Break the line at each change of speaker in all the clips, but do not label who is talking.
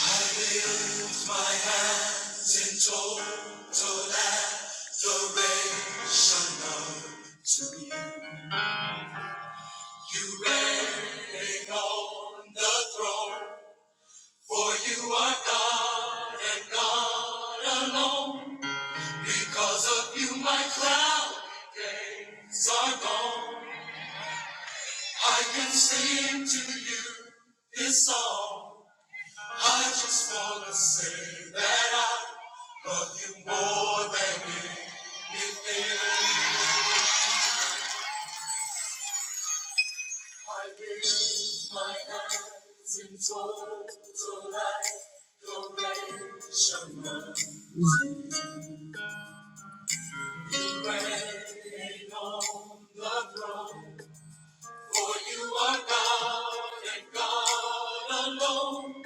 I lift my hands in total adoration to you. You reign on the throne, for you are God and God alone. Because of you, my cloudy days are gone. I can sing to you this song. I just wanna say that I love you more than anything. I lift my hands in total adoration. You reign on the throne, for you are God and God alone.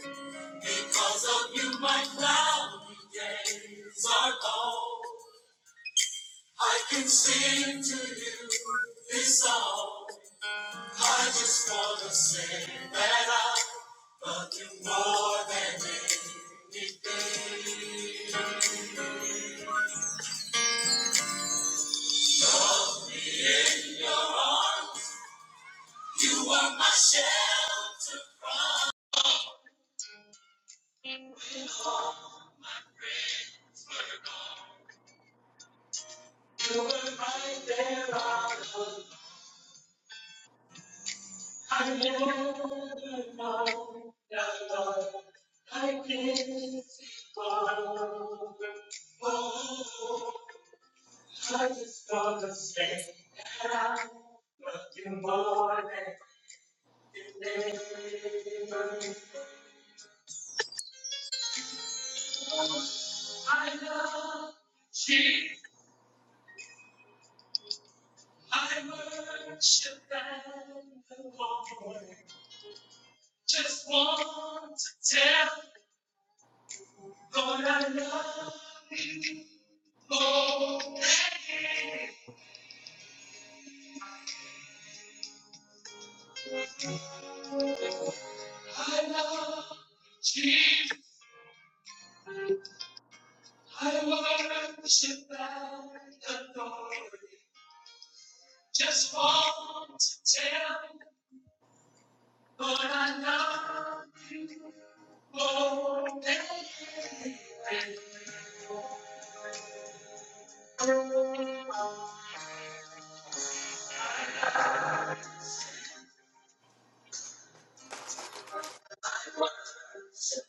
Because of you, my cloudy days are long. I can sing to you this song. I just wanna say that I love you more than anything. Love me in your arms. You are my shelter from. You were right there, I love. I never know that love like this before. Oh, I just want to say that I love you more than you can ever. knew. I love you. I worship and adore. you. Just want to tell Lord I love you more than you. I love you. I worship and adore. you. Just want to tell you, Lord, I love you more than anyone. Just want to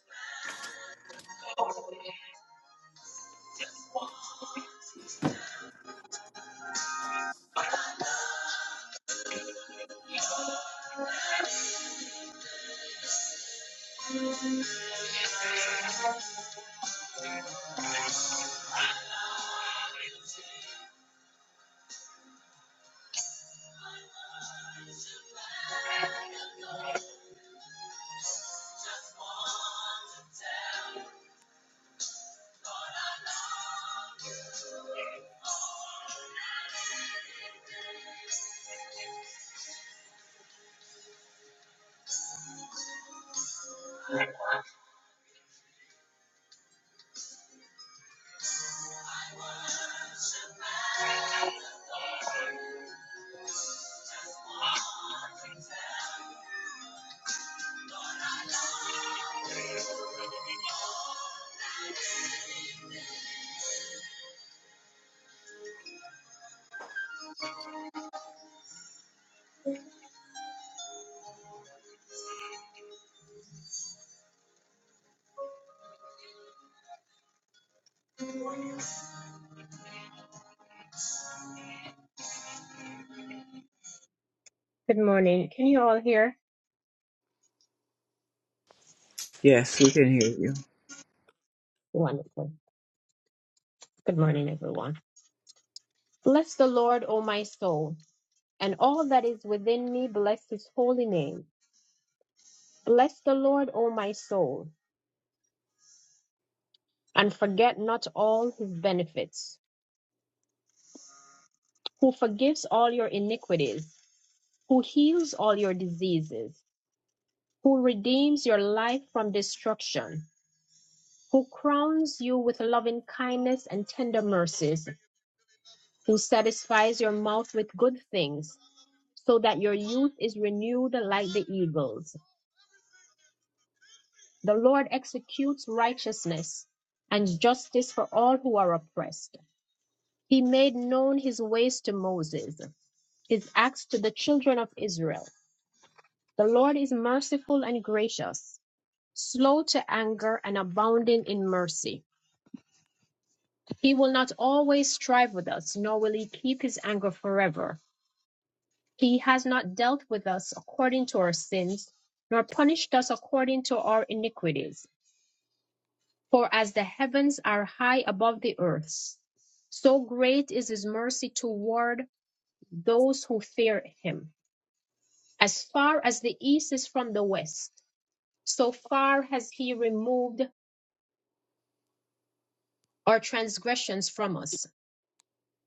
Good morning. Can you all hear?
Yes, we can hear you.
Wonderful. Good morning, everyone. Bless the Lord, O my soul, and all that is within me, bless his holy name. Bless the Lord, O my soul, and forget not all his benefits who forgives all your iniquities, who heals all your diseases, who redeems your life from destruction, who crowns you with loving kindness and tender mercies, who satisfies your mouth with good things, so that your youth is renewed like the eagles. The Lord executes righteousness and justice for all who are oppressed. He made known his ways to Moses, his acts to the children of Israel. The Lord is merciful and gracious, slow to anger and abounding in mercy. He will not always strive with us, nor will he keep his anger forever. He has not dealt with us according to our sins, nor punished us according to our iniquities. For as the heavens are high above the earth, so great is his mercy toward those who fear him. As far as the east is from the west, so far has he removed our transgressions from us.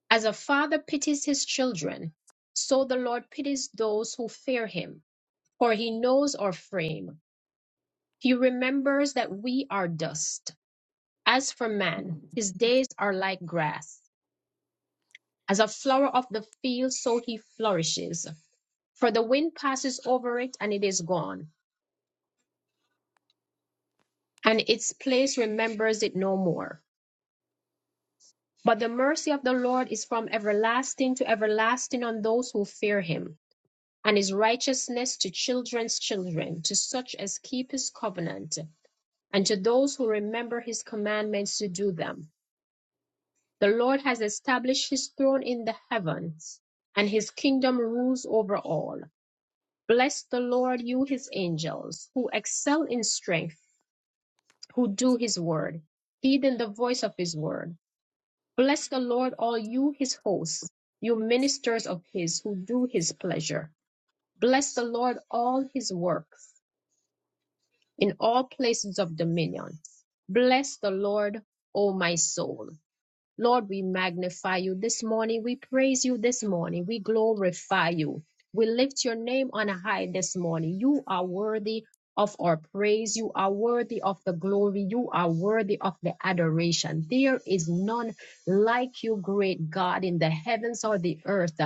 As a father pities his children, so the Lord pities those who fear him, for he knows our frame. He remembers that we are dust. As for man,
Touch
his days are like grass. As a flower of the field, so he flourishes. For the wind passes over it and it is gone, and its place remembers it no more. But the mercy of the Lord is from everlasting to everlasting on those who fear him and his righteousness to children's children, to such as keep his covenant, and to those who remember his commandments to do them. The Lord has established his throne in the heavens, and his kingdom rules over all. Bless the Lord, you his angels, who excel in strength, who do his word, heeding the voice of his word. Bless the Lord, all you his hosts, you ministers of his, who do his pleasure. Bless the Lord, all his works in all places of dominion. Bless the Lord, O my soul. Lord, we magnify you this morning. We praise you this morning. We glorify you. We lift your name on high this morning. You are worthy of our praise. You are worthy of the glory. You are worthy of the adoration. There is none like you, great God, in the heavens or the earth.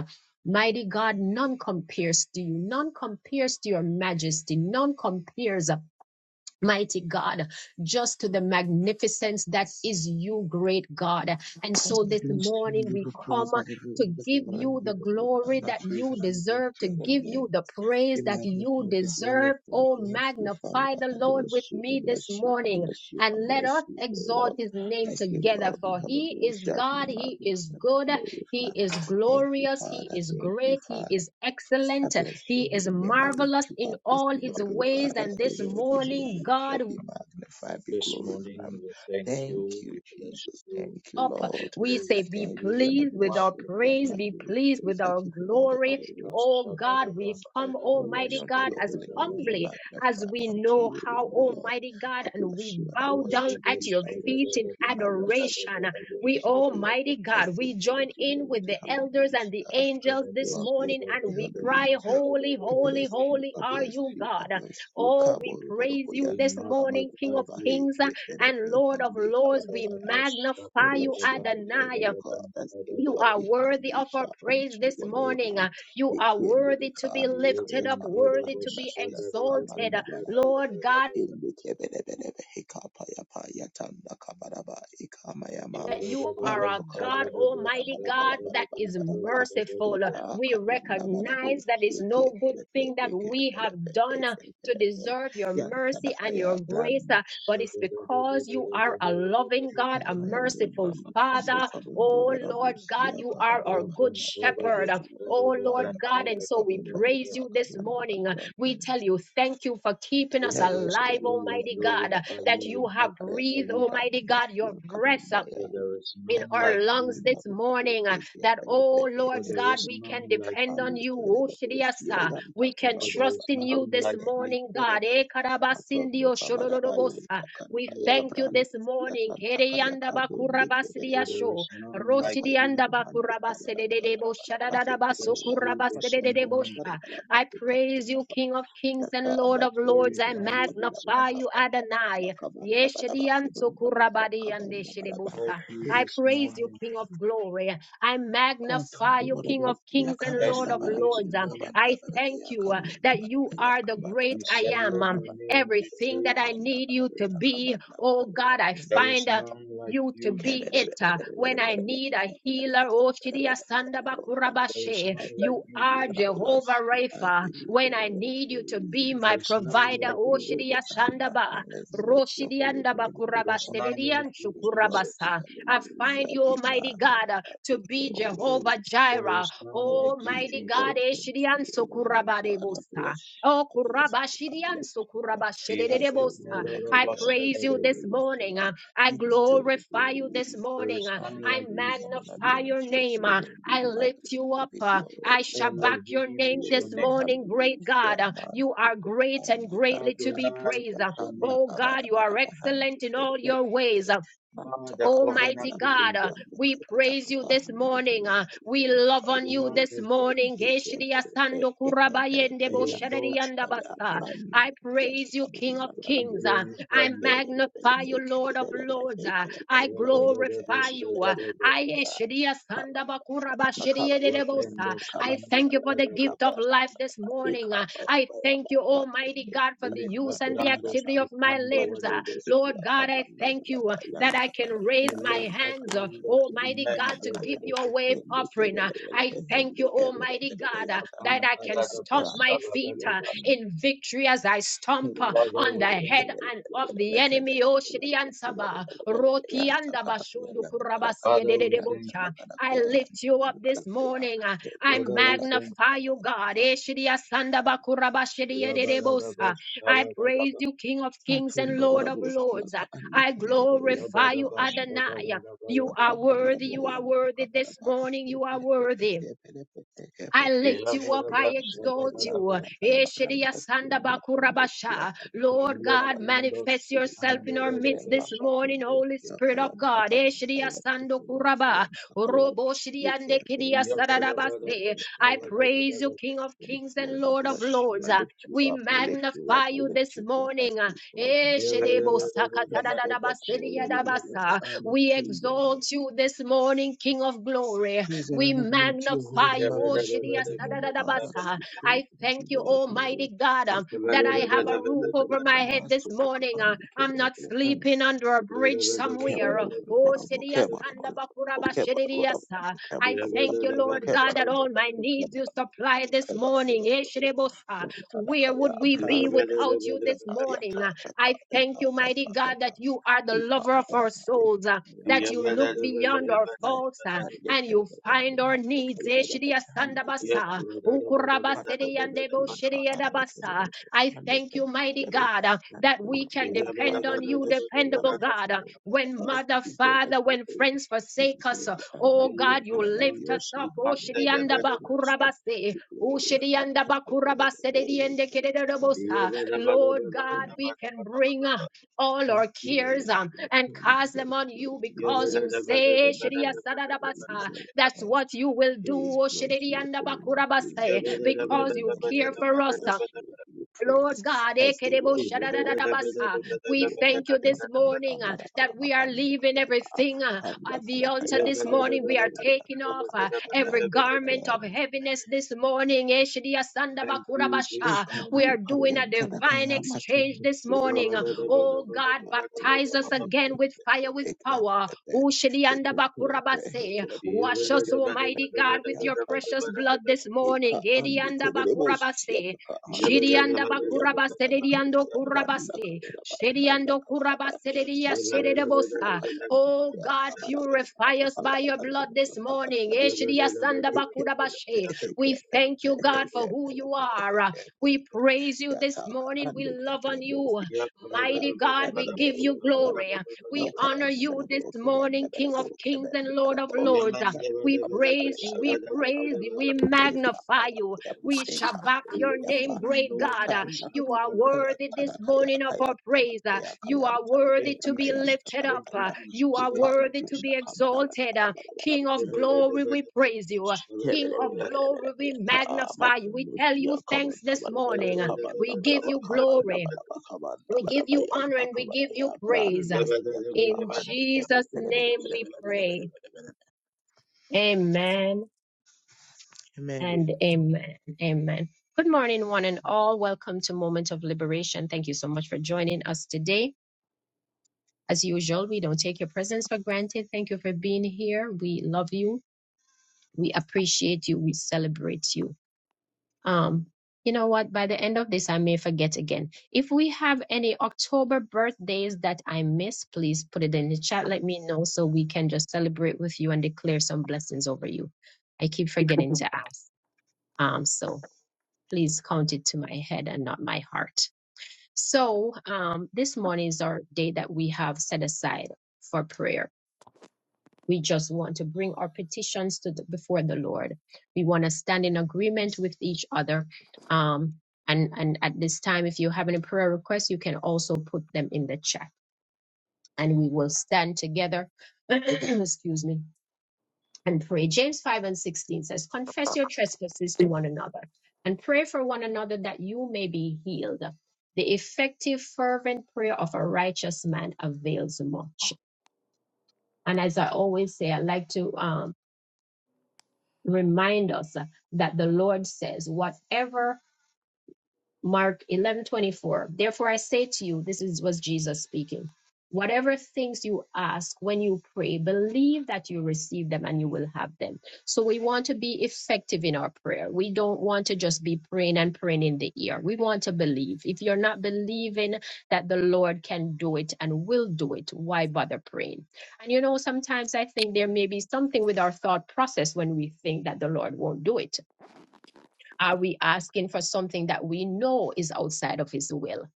Mighty God, none compares to you. None compares to your majesty. None compares Mighty God, just to the magnificence that is you, great God. And so
Father,
this
belongs to you.
morning
You
we
will
come
praise and I give you
to
all the
give you
and
the
give you all the
glory
honor,
that
praise
you
and honor be
deserve,
unto
to
your holy
give you
name.
the praise
Be
that you
magnified, be
deserve.
glorified,
Oh,
thanks you, Father.
magnify the
I
Lord with
bless you, I
me this
bless you, I
morning.
bless you, I
And let us
bless you, O
exalt
Lord.
his name
I say,
together,
worthy,
for he is
hallelujah, be
God, he is
magnified, be
good, he
glorified.
is
Thank you,
glorious, he
Father,
is
thank you,
great, he
Father.
is
I
excellent,
bless your
he is
holy name. I lift
marvelous
you
in
up this
all his
morning, oh God.
ways.
I
And
say,
this
well, be
morning,
hallelujah,
God,
be magnified, be
This morning
glorified.
we thank
Thank
you, we
you,
bless
Jesus.
you,
Thank you,
up.
we
Lord.
We
I
say, Be
glorify
thank
you,
you
we
and I
pleased with our
bless you.
magnify
And
you.
praise,
I
be
give you
pleased with
praise. I
our
give you all the
glory.
glory.
Oh God, we
Sabadabam,
come,
Glory
tadadabas,
be
Almighty
unto
God,
your
as
holy name. Be
humbly
tadadadabadaba,
as
magnified
we
unto
know
you O Lord.
how,
O Lord.
Almighty God,
I
and we
bless you and I
bow down
worship
at
tadadabas,
you.
your
I
feet
worship
in
you.
tadadadabam,
I worship you.
adoration.
I
tadadadabadaba,
We,
worship you.
Almighty
tadadabas,
I
God,
say,
we
Lord,
join
you
in with the
worthy. Hallelujah.
elders and the angels this
Lord, you
morning
tadadabas,
worthy.
and we
tadadadabam,
cry,
Hallelujah.
Holy,
I
holy,
bless you,
holy
I
tadadadabadabadaba.
are
bless
you,
you, I
God.
bless you.
Oh, we
Kaboro boro
praise
We
you this
boyanta
morning,
kabara
King
magnify
bara
of
you.
Kings
baheke
and
perepe
Lord of
handi
Lords.
kabara
We
baya.
Tadadabas,
I
magnify you,
bless your
tadadadabam,
holy name,
Adonai.
O
tadadabam,
God, as the
You
tadadabam.
are
worthy
worthy of our
hallelujah unto
praise
you
this morning.
alone.
You are
Ekende de
worthy to be
We
kandi
lifted up,
kayata
worthy to
branda
be
siyata
exalted.
kabanda
Lord God,
Ilukebelebelebe hikapayapa yatanda kabaraba ikamayama
that you are a
manto
God, Almighty God, that is
kabarabarabarabarabarabarabaraba
merciful.
eta
We
kabandabarabu
recognize that is no good
ekepelepe
thing that we have
ekepelepe
done uh, to
ekepelepe
deserve your mercy and
yantadakaya
your
brand
grace, uh, but it's because you are a loving God, a
kabayama
merciful
matondo
Father. Oh Lord
kabandabarabusi
God, you are our good
yakabandabaraba
shepherd.
kabandabaraba
Oh Lord God,
kabandabaraba
and so we praise
kabandabaraba
you this morning. Uh,
kabandabaraba
We tell you thank you for keeping us
bless
alive,
you, we
Almighty God, uh,
glorify
that
you, we
you have
magnify
breathed,
you,
Almighty God, your breath. uh,
for there is
in
none like
our
you,
lungs this morning uh, that, oh
for
Lord
there
God,
is
we
none
can
like
depend on
you,
you. Oshiriyasa. We can
for there
trust
is
in you
none
this
like you,
morning, God. Eh, karabasindiyo shododorobosa. We
none like
thank you
you,
this morning.
for
Yataka
there
Keriyandabakurabasiriyasho.
is none like you,
Roshidiyandabakurabasiridebo
Bless you this morning.
shadadadabasokurabasidedebosha. I praise you, King of Kings
Yaka
and Lord of
Amatondo
Lords. I
Glorify
Kabanda
you this
Badaba
magnify you,
morning.
Kabanda Badaba
Adonai.
Kabanda Badaba Kabanda Badaba Kabanda Badaba
Yeshediyantokurabadiyandeshedebosa.
Thank you
I
this
praise you,
morning.
King of glory. I magnify
Amatondo
you, King
Badaba
of kings and
Bless
Lord
Yakabanda
of
you
Badaba
this
lords. Um,
morning.
Yakabanda
I
Badaba
thank you uh,
Yakabanda
that you are the great
We
I
Badaba Yakabanda Badaba
shall
am.
let
Um,
your
Yakabanda
name be
Badaba
Everything that I
praised.
Yakabanda
need you to
Badaba
be, oh
Yakabanda
God, I
Badaba
There is
find uh,
none like
you to
you,
Oh
be it.
Jesus.
uh, When I need a healer, oh Shidia
God,
There is
Sandabakurabashe,
none
I
like
you
thank
you,
you
are
and I
Jesus.
Jehovah
bless you. I
Rapha.
give you
When I
all the
need you to be
praise.
There
my
is
I
none
give
provider,
you
like
oh
you,
all the
Shidia
Jesus.
honor.
Sandaba,
I exalt your holy name, O
There is
Roshidiandabakurabase,
Lord.
none like
Dedian
you,
Your
Jesus.
worthy
Shukurabasa. I find
hallelujah
you,
be
Almighty God, uh,
magnified,
to be
Lord.
Jehovah
There
Jireh.
is none
Unto
like you,
you,
Almighty
O
Jesus.
God,
Lord, unto
Eshidian
you, O Lord, O God, I
Sokurabadebosa.
bless you,
Oh,
I bless you, I
Kurabashidian
bless you. I
Yet
say,
Sokurabashedebosa.
another
worthy,
of
I
us said
worthy,
praise you
that
this morning.
hallelujah.
uh, I
You deserve the
glorify
glory,
you
you
this
deserve
There
the
morning.
is
uh,
none
honor,
I
like you,
praise and
Jesus.
honor be
magnify your
unto your
name.
holy
uh,
name, be
I lift you up.
magnified, be
uh, I
glorified.
shabak your
Elohim
name
is your
this
Glory,
name.
morning, great God.
hallelujah,
uh, You
Master
are great and
Tukandi
greatly to
Karaya,
be
Adonai
praised.
is
uh,
your name.
Yakanda
Oh God,
Kabara
you are
Barabahandi
excellent in all your
Kerebe,
ways. uh,
Manto
Father,
Kabara
covenant
Almighty
people,
God, uh,
God,
Barabahandi
we praise you this
Takabahandi
morning. uh,
Kerebe,
we love
we
on
Matombo
you this
Barabo,
magnify,
morning. Geshidiya
Ekeperebe,
sando kurabayende
Ekeperebe,
bo
we exalt you,
shadadiyanda
Yantakaya,
basa.
Brandi,
I praise you, King of
Yatakabanda
we
Kings.
Barabo,
uh,
glorify
I
you.
Ekeperebe,
magnify you, Lord of
Ekeperebe,
Lords. uh, I
Ekeperebe,
glorify
Ekeperebe,
you. uh,
Rebe-rebe-rebe-se-rebe-rebe.
I
Yantakaya,
eshidiya sanda
Kabara
bakura
Barabara, Kabara
bashidiyedede
Barabara,
bosa.
Wapendos
I
Kabara
iman
thank you
Barabara,
for the
Yan
gift of
kadadabas,
life this morning. uh, I thank you, Almighty God, for the
leka
use and the
brandos
activity of my
ifando
limbs. uh,
wadabas,
Lord God, I thank you uh, that I can raise my
ileka
hands, uh,
brandos
Almighty
iman
God, to give you a
kadadabas,
wave offering. uh, I thank you, Almighty God, uh, that
upon
I can
kadadabas,
stomp my feet uh,
sabadabas.
in victory as I stomp uh,
Father,
on the
we thank
head
you.
and of the enemy. Oh, Shriyan Sabah, Rokianda Bashundu Kurabasi
Father, we thank
Edededebocha.
you.
I lift you up this morning. uh, I
Father, we thank
magnify you, God. Eh, Shriya Sanda Bakurabashi
you.
Edededebosa.
Rabadabas,
I praise
sabadabas,
you, King of kings and
Matunda
Lord of
warabusi
lords.
yaka
I
andeke berebe yaka
glorify you,
rabadabas,
kabandu
Adonai.
baraba
You
sabadabas,
are
Athora bora
worthy,
bora
you are
yom thapa
worthy
bara
this
ba
morning,
ikoi
you are
pere pe
worthy.
eke pere pe eke
I
pere pe
lift you up. I
ikoi pere pe
exalt
yom
you.
Yavadavashabhadava,
thara kaya ram
Eshidiya
basya
sanda
mato basya
bakurabasha.
kara bara
Lord
bara
God,
bara bara
manifest
ikha
yourself in our
maya maya
midst
ma
this
Ileprendoskitandavadavasha,
mato
morning, Holy
basya
Spirit
kaya
of God.
thapa
Eshidiya
kaya
sando
kaya kaya
kuraba.
kaya
Orobo
eke
shidiande
pere
kidiya
pe eke pere
sadadabase.
pe
I
eke pere
praise
pe
you,
Yavadavadavashabhadavadava,
King of kings and
Lord, I
Lord of
bless you.
lords.
I lift you
We
up. I lift you up.
magnify
I
you
lift
this
you up. I
morning.
say, God,
Yavadavadavadavadavashabhadadava,
Eshidebo
hallelujah. You deserve the glory. You
Yavadavadavadavadavadava,
deserve the
sakatadadadabasiriyadabasa. We
honor.
exalt you this morning, King of glory.
Praise and
We
honor be unto your holy
magnify
name.
you,
I
O
bless your
Shiri
holy name,
Yavadavadavadavadavadava,
O God. I give
Asadadadabasa.
you praise
I
and I
thank
give you
you,
all the glory.
Almighty God,
I
um,
say
that I
glory
have
be
a
unto
roof
your holy
over my
name.
head this
Master to
morning.
command
uh,
the
I'm
Kebere.
not sleeping under a bridge
Kebara,
somewhere.
Kebara, Kebara,
uh, O Shiri
Yavadavadavadavadavadava,
Kebara,
Asandabakuraba Shiri
Yavadavadavadavadavadava,
Kebara,
I thank you,
Kebara,
Lord God, that all my
Yavadavadavadavadavadava,
Kebara,
needs you supply
Kebara,
this morning. Eh,
Kebara,
Shiri Where
Yantalakaya
would we be
Branda
Yavadavadavadavadavadava,
without you this
Yata
morning?
Yata
Uh,
Yata
I thank
Yata
you, mighty
Yata
God,
Yata
that you are the lover
Ukama
of our
Yama
souls, uh,
Ikama Yama
that you look
Hande
beyond our
Kevene
faults. uh,
Hande
and
Yavadavadavadavadavadava,
you
Kevene
find our
Hande
needs. Eh,
Kevene
shidiya
Hande
sandabasa,
Kevene
ukurabasidi
Patrollers
yandebo
being
shidiya dabasa.
undecorated
I
and
thank you, mighty
decorated
God, uh,
and
that we
play
Thank
can
a part
depend
and
on you,
bless you and
dependable
bless
God.
you.
uh, When
Lord, it
mother,
is there that
father,
we
when
hold.
friends
It
forsake
is there
us, uh,
to
oh
honor,
God,
praise,
you
and honor be
lift us
unto your
up. Oh,
holy name. Be
shidianda
magnified,
bakurabase.
be
Oh,
glorified,
shidianda
come out of the
bakurabase de
boil,
diende
come out of the
kededebosa.
boil.
Lord
And
God,
I
we can bring. a all
want
our
you
cares
alone,
um,
King of
and
Kings, you
cast them
deserve the
on
glory,
you
you
because
deserve
you
the honor,
say,
you
"Shiriya
deserve the glory, you
sadadabasa,"
deserve the
that's
honor.
what you will do,
Praise be unto
Shiriya
your holy name. Praise
ndabakurabasa,
be unto your
because
holy
you
name, O
care
Lord. I
for us. uh,
bless you. I give you praise.
Lord God,
I say,
ekerebo
well, hallelujah.
shadadadadabasa.
Unto
we
you, O Lord,
thank you
King of
this
Kings.
morning uh,
Kabara
that
bara bara
we
bara, bara, bara,
are leaving
kanda kaya ka.
everything uh,
Kanda
at the
kala
altar
kaya
this
kabara
morning. We
bara
are
bara
taking
yanta
off
kala
uh,
kaya
every
yanta kala
garment
kaya.
of
yanta.
heaviness this morning.
you
Eh,
this
Eshediasandabakurabasha.
moment.
We
kabaya
are
kaya
doing a
yanta da
divine
kaya
exchange
matundu
this
ya
morning.
kabanda bara
Oh
bara
God,
bara bara bara
baptize us
bara
again
bara
with fire, with
heke heke
power.
heke heke heke heke heke heke
Ushediandabakurabase.
Thank
Wash
heke
us,
heke heke
Almighty God,
heke,
with your
yanta da
precious
kaya.
blood this
Eka
morning.
ande kerere bosi
Ediandabakurabase.
ataka ande
Shirianda
kerere
bakuraba
yanta na kana
seriando
kaya nanda na
kurabase.
kaba na nanda
Shiriando
na
kuraba
baya
seria
matron do siya
serebosa.
kaya
Oh
na
God,
aka na kaya na baya
purify
na
us
kabala
by
na
your
baya
blood
na
this morning.
kabala na
Eh,
baya na
shiria sanda
eke na
bakurabashe.
pere eke
We
pere
thank you,
pere
God,
eke
for who
pere
you
pere
are.
eke pere
We
pere
praise you this
yataka
morning. We
ande
love on
kerere
you.
Kayan
Mighty God, we give you glory. We honor you this morning, King of kings and Lord of lords. We praise you. We praise you. We magnify you. We shall back your name, great God. Uh, You are worthy this morning of our praise. Uh, You are worthy to
you,
be
Jesus.
lifted
Thank
up.
you,
Uh, You
Jesus.
are
Thank you,
worthy to be exalted. Uh, King of glory, we praise you. Uh,
Amen.
King of
Jesus.
glory, we magnify you. We tell you thanks this
Amen.
morning. Uh, We give you glory. We give you honor and we give you praise. Uh, In Jesus' name we pray. Amen And amen. Amen. Good morning, one and all. Welcome to Moment of Liberation. Thank you so much for joining us today. As usual, we don't take your presence for granted. Thank you for being here. We love you. We appreciate you. We celebrate you. Um, you know what? By the end of this, I may forget again. If we have any October birthdays that I miss, please put it in the chat. Let me know so we can just celebrate with you and declare some blessings over you. I keep forgetting to ask. Um, so Please count it to my head and not my heart. So, um, this morning is our day that we have set aside for prayer. We just want to bring our petitions to the, before the Lord. We want to stand in agreement with each other. Um, and, and at this time, if you have any prayer requests, you can also put them in the chat and we will stand together. Excuse me and pray. James 5 and 16 says, Confess your trespasses to one another and pray for one another that you may be healed. The effective, fervent prayer of a righteous man avails much. And as I always say, I like to um, remind us that the Lord says, Whatever Mark 11:24 Therefore I say to you this is was Jesus speaking whatever things you ask when you pray believe that you receive them and you will have them so we want to be effective in our prayer we don't want to just be praying and praying in the ear we want to believe if you're not believing that the Lord can do it and will do it why bother praying and you know sometimes I think there may be something with our thought process when we think that the Lord won't do it are we asking for something that we know is outside of His will?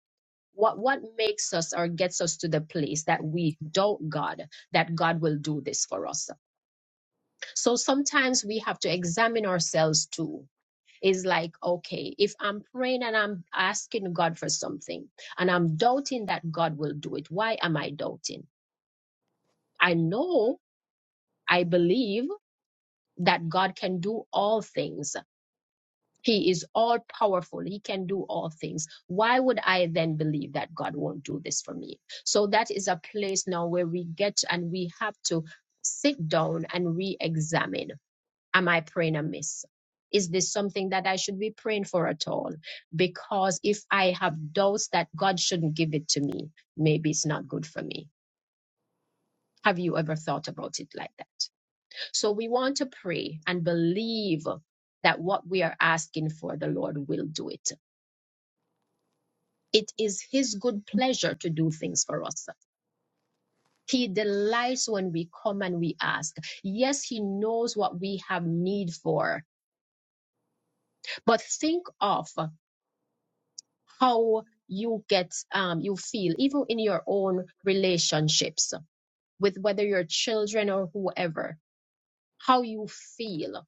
What, what makes us or gets us to the place that we doubt God, that God will do this for us? So sometimes we have to examine ourselves too. It's like, okay, if I'm praying and I'm asking God for something and I'm doubting that God will do it, why am I doubting? I know, I believe that God can do all things He is all powerful. He can do all things. Why would I then believe that God won't do this for me? So that is a place now where we get and we have to sit down and re examine. Am I praying amiss? Is this something that I should be praying for at all? Because if I have doubts that God shouldn't give it to me, maybe it's not good for me. Have you ever thought about it like that? So we want to pray and believe that what we are asking for, the Lord will do it It is His good pleasure to do things for us. He delights when we come and we ask. Yes, He knows what we have need for, but think of how you get, um, you feel, even in your own relationships with whether your children or whoever, how you feel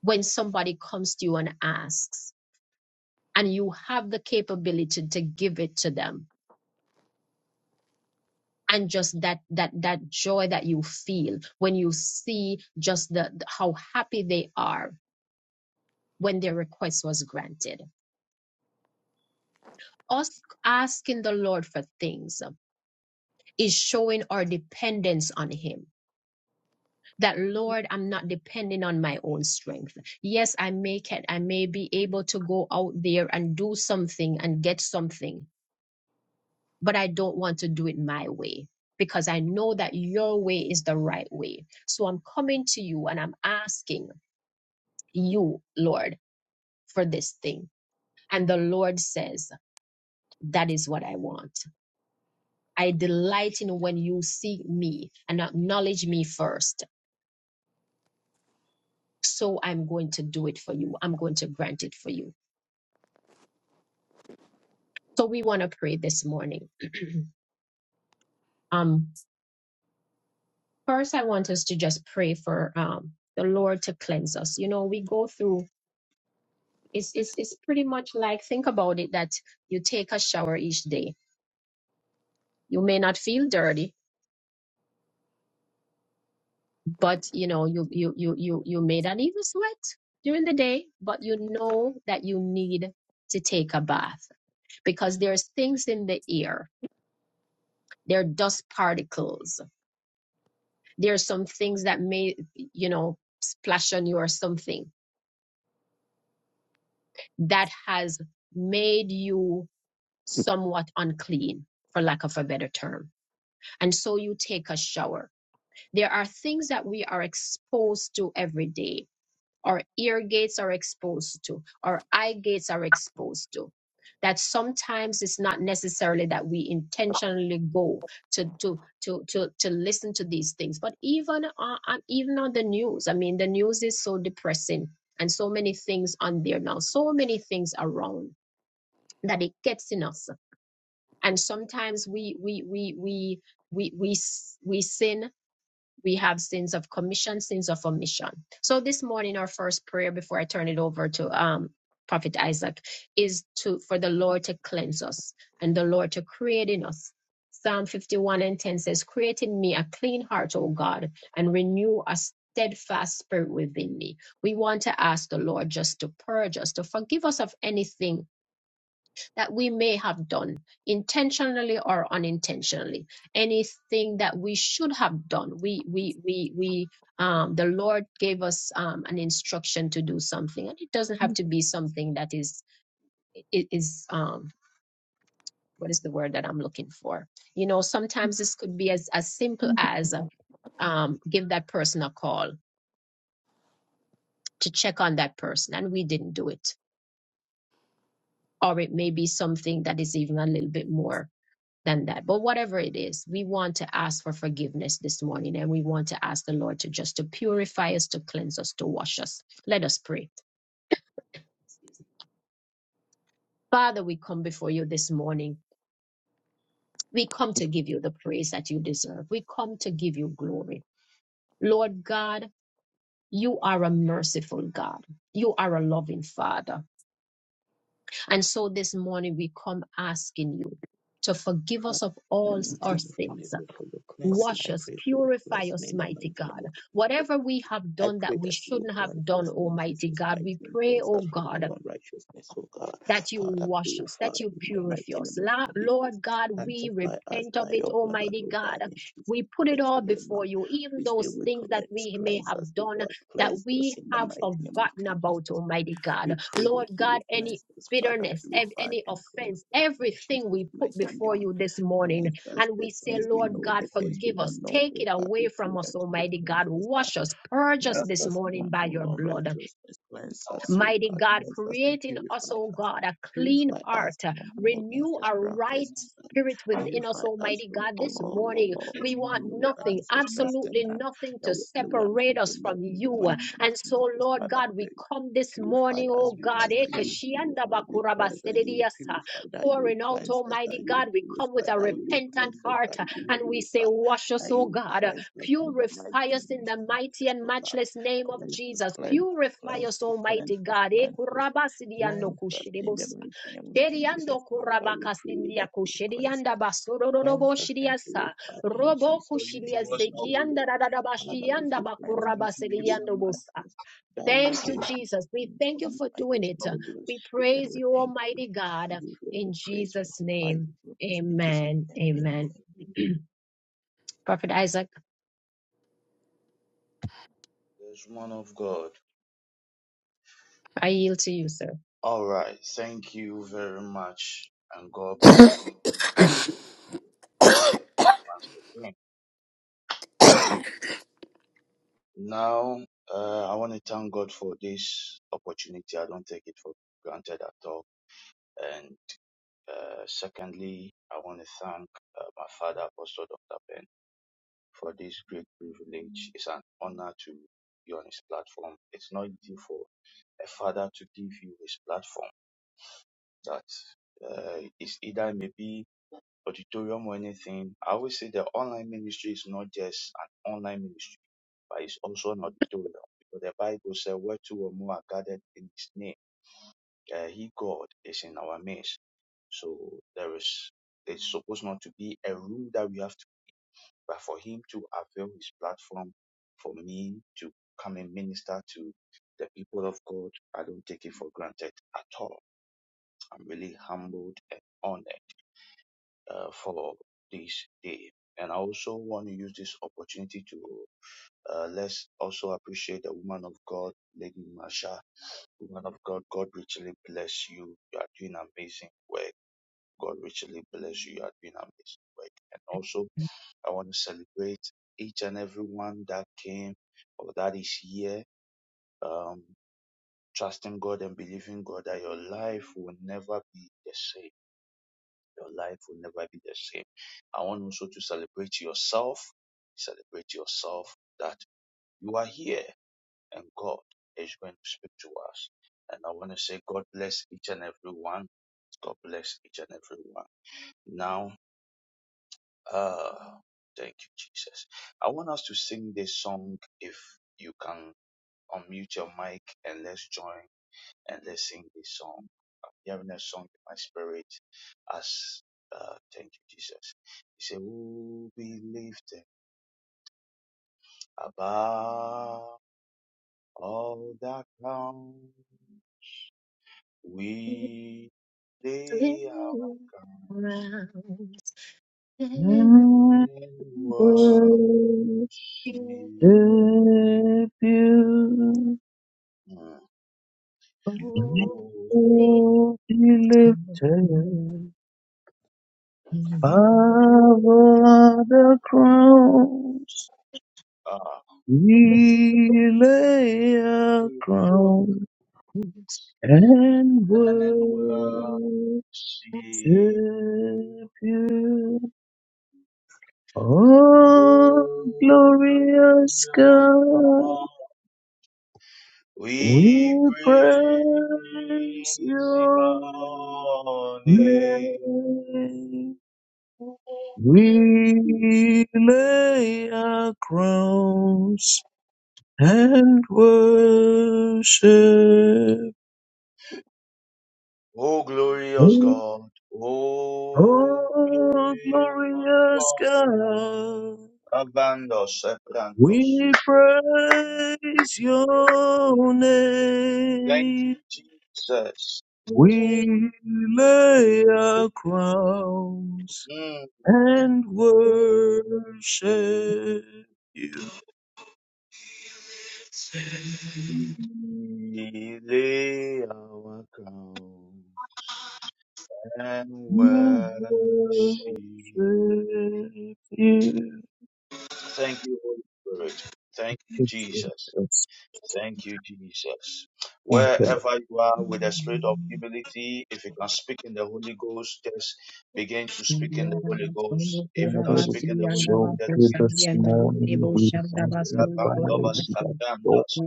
when somebody comes to you and asks, and you have the capability to give it to them and just that that that joy that you feel when you see just the, the- how happy they are when their request was granted us asking the lord for things is showing our dependence on him that lord i'm not depending on my own strength yes i may can i may be able to go out there and do something and get something but i don't want to do it my way because i know that your way is the right way so i'm coming to you and i'm asking you, Lord, for this thing. And the Lord says, That is what I want. I delight in when you see me and acknowledge me first. So I'm going to do it for you. I'm going to grant it for you. So we want to pray this morning. Um, first, I want us to just pray for um, the Lord to cleanse us. You know, we go through. It's, it's, it's pretty much like think about it that you take a shower each day. You may not feel dirty, but you know you you you you you may not even sweat during the day but you know that you need to take a bath because there's things in the air there are dust particles there are some things that may you know splash on you or something that has made you somewhat unclean for lack of a better term and so you take a shower there are things that we are exposed to every day our ear gates are exposed to, our eye gates are exposed to. That sometimes it's not necessarily that we intentionally go to to to to to listen to these things, but even on, on even on the news, I mean, the news is so depressing, and so many things on there now, so many things around that it gets in us, and sometimes we we we we we we s- we sin we have sins of commission, sins of omission. So this morning, our first prayer before I turn it over to um, Prophet Isaac is to for the Lord to cleanse us and the Lord to create in us. Psalm 51 and 10 says, Create in me a clean heart, O God, and renew a steadfast spirit within me. We want to ask the Lord just to purge us, to forgive us of anything that we may have done intentionally or unintentionally anything that we should have done we we we we um, the lord gave us um, an instruction to do something and it doesn't have to be something that is is um, what is the word that i'm looking for you know sometimes this could be as as simple as um, give that person a call to check on that person and we didn't do it or it may be something that is even a little bit more than that. But whatever it is, we want to ask for forgiveness this morning and we want to ask the Lord to just to purify us, to cleanse us, to wash us. Let us pray. Father, we come before you this morning. We come to give you the praise that you deserve. We come to give you glory. Lord God, you are a merciful God. You are a loving Father. And so this morning we come asking you to forgive
Father,
us of
in the
all
mighty
our
name of
sins
Jesus, for your cleansing,
Wash
I
us,
pray for your
purify
cleansing
us,
in the
mighty
mighty name
God.
of Jesus.
Whatever we have
I
done
pray
that we
that you will
shouldn't have
cleanse
done,
us in
Almighty
Jesus'
God,
mighty
we
name,
pray,
cleanse
oh
us from
God,
all unrighteousness, O God.
that you
Father,
wash us,
purify
that you
in the mighty
purify us.
name of
La-
Jesus.
Lord God, we
Sanctify us
repent of
by
it,
your blood,
Almighty
O
God.
God, in Jesus'
We put it
mighty
all
name.
before
Um,
you, even
We say
those
we
things that
cleanse,
we may
cleanse us,
have
O
done
God,
that
cleanse us
we
in the
have
mighty name of
forgotten
King
about,
Jesus. Um,
Almighty
We
God.
pray that
Lord
you
God,
will
any
cleanse us, Father,
bitterness, ev-
purify
any
and
offense,
cleanse us in
everything
Jesus'
we
mighty
put
name.
before
Um,
you this morning.
Cleanse us
And we
the
I
say,
things
will
we
Lord
come
know,
God,
the
before
things we
forgive
you.
us.
don't know,
Take it
O God.
away
We pray
from us,
that you will
Almighty
cleanse
God.
us
Wash us, purge us
That's
Cleanse
this
what
us
you
from
morning
know.
by your
all
blood.
unrighteousness. Cleanse
How
us,
I
O
Mighty
God.
God,
Cleanse us and
create in us,
purify
oh
us.
God, a clean
Purify us
heart, uh,
from
You know
all
the
renew
heart.
a
ancestral
right
You
cases. and
spirit within us,
Purify us
Almighty
from
God. This morning,
all
we
you
want
and
know
O
the
God,
heart.
nothing,
I'm
ancestral
not
sin
absolutely
and
nothing
the
to
o- the ones we
separate us
don't know
from
in the
you.
mighty
going
name
And
of King
so,
Jesus,
Lord
Father,
God,
pray.
we come this
to
Purify
morning, oh
stand
us. We
and
God,
ask
eh,
that
listen
you
kashianda
purify. We
bakuraba
ask that you
sedediasa,
purify. That you
pouring out,
cleanse us.
Almighty
That you
God, we come with
purify.
a
That
for
you
you to
repentant
cleanse us.
wash
heart
That
uh,
you
away,
and we
purify
say, Wash us,
that
oh
you will
God.
cleanse us in the
Purify
mighty
us
name
in
of
the mighty
Jesus,
and
oh God.
matchless name of
Cleanse us,
Jesus.
cleanse us,
Purify
cleanse
us,
us,
Almighty
cleanse us,
God. Eh,
cleanse us,
kurabasidiando
cleanse us in the
kushidibus.
mighty name of King Jesus, Father. We pray that you will cleanse
kushedianda
us, cleanse
basororobo
us and
shidiasa.
purify in
Robo
for
Jesus'
you
mighty
to wash
kushidiase
name. We
away,
pray,
kianda
Father, we
dadadabashianda
say
for
cleanse
you
us,
to wash
bakurabasidiando
away,
purify
busa.
us, that will
Thank you,
be
Jesus. We
in
for
thank you
you
Jesus'
for
to
mighty
doing
wash
it.
name.
away.
We bless
We
you and
praise
we
you,
thank you.
Almighty
We
God.
give you all
In
the praise for
Jesus'
how you
name,
brought us in Jesus'
amen.
name. Amen.
Amen. Prophet Isaac,
There's one of God.
I yield to you, sir.
All right. Thank you very much, and God bless you once again. Now, uh, I want to thank God for this opportunity. I don't take it for granted at all. And uh, secondly, I want to thank uh, my father, Apostle Dr. Ben, for this great privilege. It's an honor to be on his platform. It's not easy for a father to give you his platform. That uh, is either maybe auditorium or anything. I always say the online ministry is not just an online ministry. but it's also an auditorium. Because the Bible says, where two or more are gathered in his name, uh, he, God, is in our midst. So there is, it's supposed not to be a room that we have to, but for him to avail his platform for me to come and minister to the people of God, I don't take it for granted at all. I'm really humbled and honored uh, for this day. And I also want to use this opportunity to uh, let's also appreciate the woman of God, Lady Masha Woman of God, God richly bless you. You are doing amazing work. God richly bless you. You are doing amazing work. And also, I want to celebrate each and everyone that came or that is here, um, trusting God and believing God that your life will never be the same. Your life will never be the same. I want also to celebrate yourself. Celebrate yourself that you are here and God is going to speak to us. And I want to say, God bless each and everyone. God bless each and every one. Now, uh, thank you, Jesus. I want us to sing this song. If you can unmute your mic and let's join and let's sing this song. I'm hearing a song in my spirit as uh, thank you, Jesus. He said, "Who be lifted above all that come, we lay our crowns
Around
I
and
and worship."
worship
shaking,
you.
Mm. Up
oh,
Oh, be lifted
Rabasilia,
above the crowns. We lay a crown and
and worship,
worship you. Oh,
O
glorious
God.
God. We
We praise
praise your
your name.
name. We lay our crowns and worship.
O glorious
Oh,
God, O glorious
glorious
God,
God,
abandon us, abandon us.
we praise your
Thank
name.
you, Jesus.
We lay our crowns
Mm.
and worship you.
We lay our crowns and
And
worship.
worship you.
Thank you, Holy Spirit. Thank you,
Thank you,
Jesus.
Jesus.
Thank you, Jesus.
Thank you,
Wherever you are with a spirit of humility, if you can speak in the Holy Ghost, just begin to speak in the Holy Ghost. If you
Lord.
can
Hallelujah.
speak in the Holy Ghost,
So
just
to
begin to
this
speak in the Holy
morning
Ghost.
we magnify, we
Rabandovas
adore,
katandas,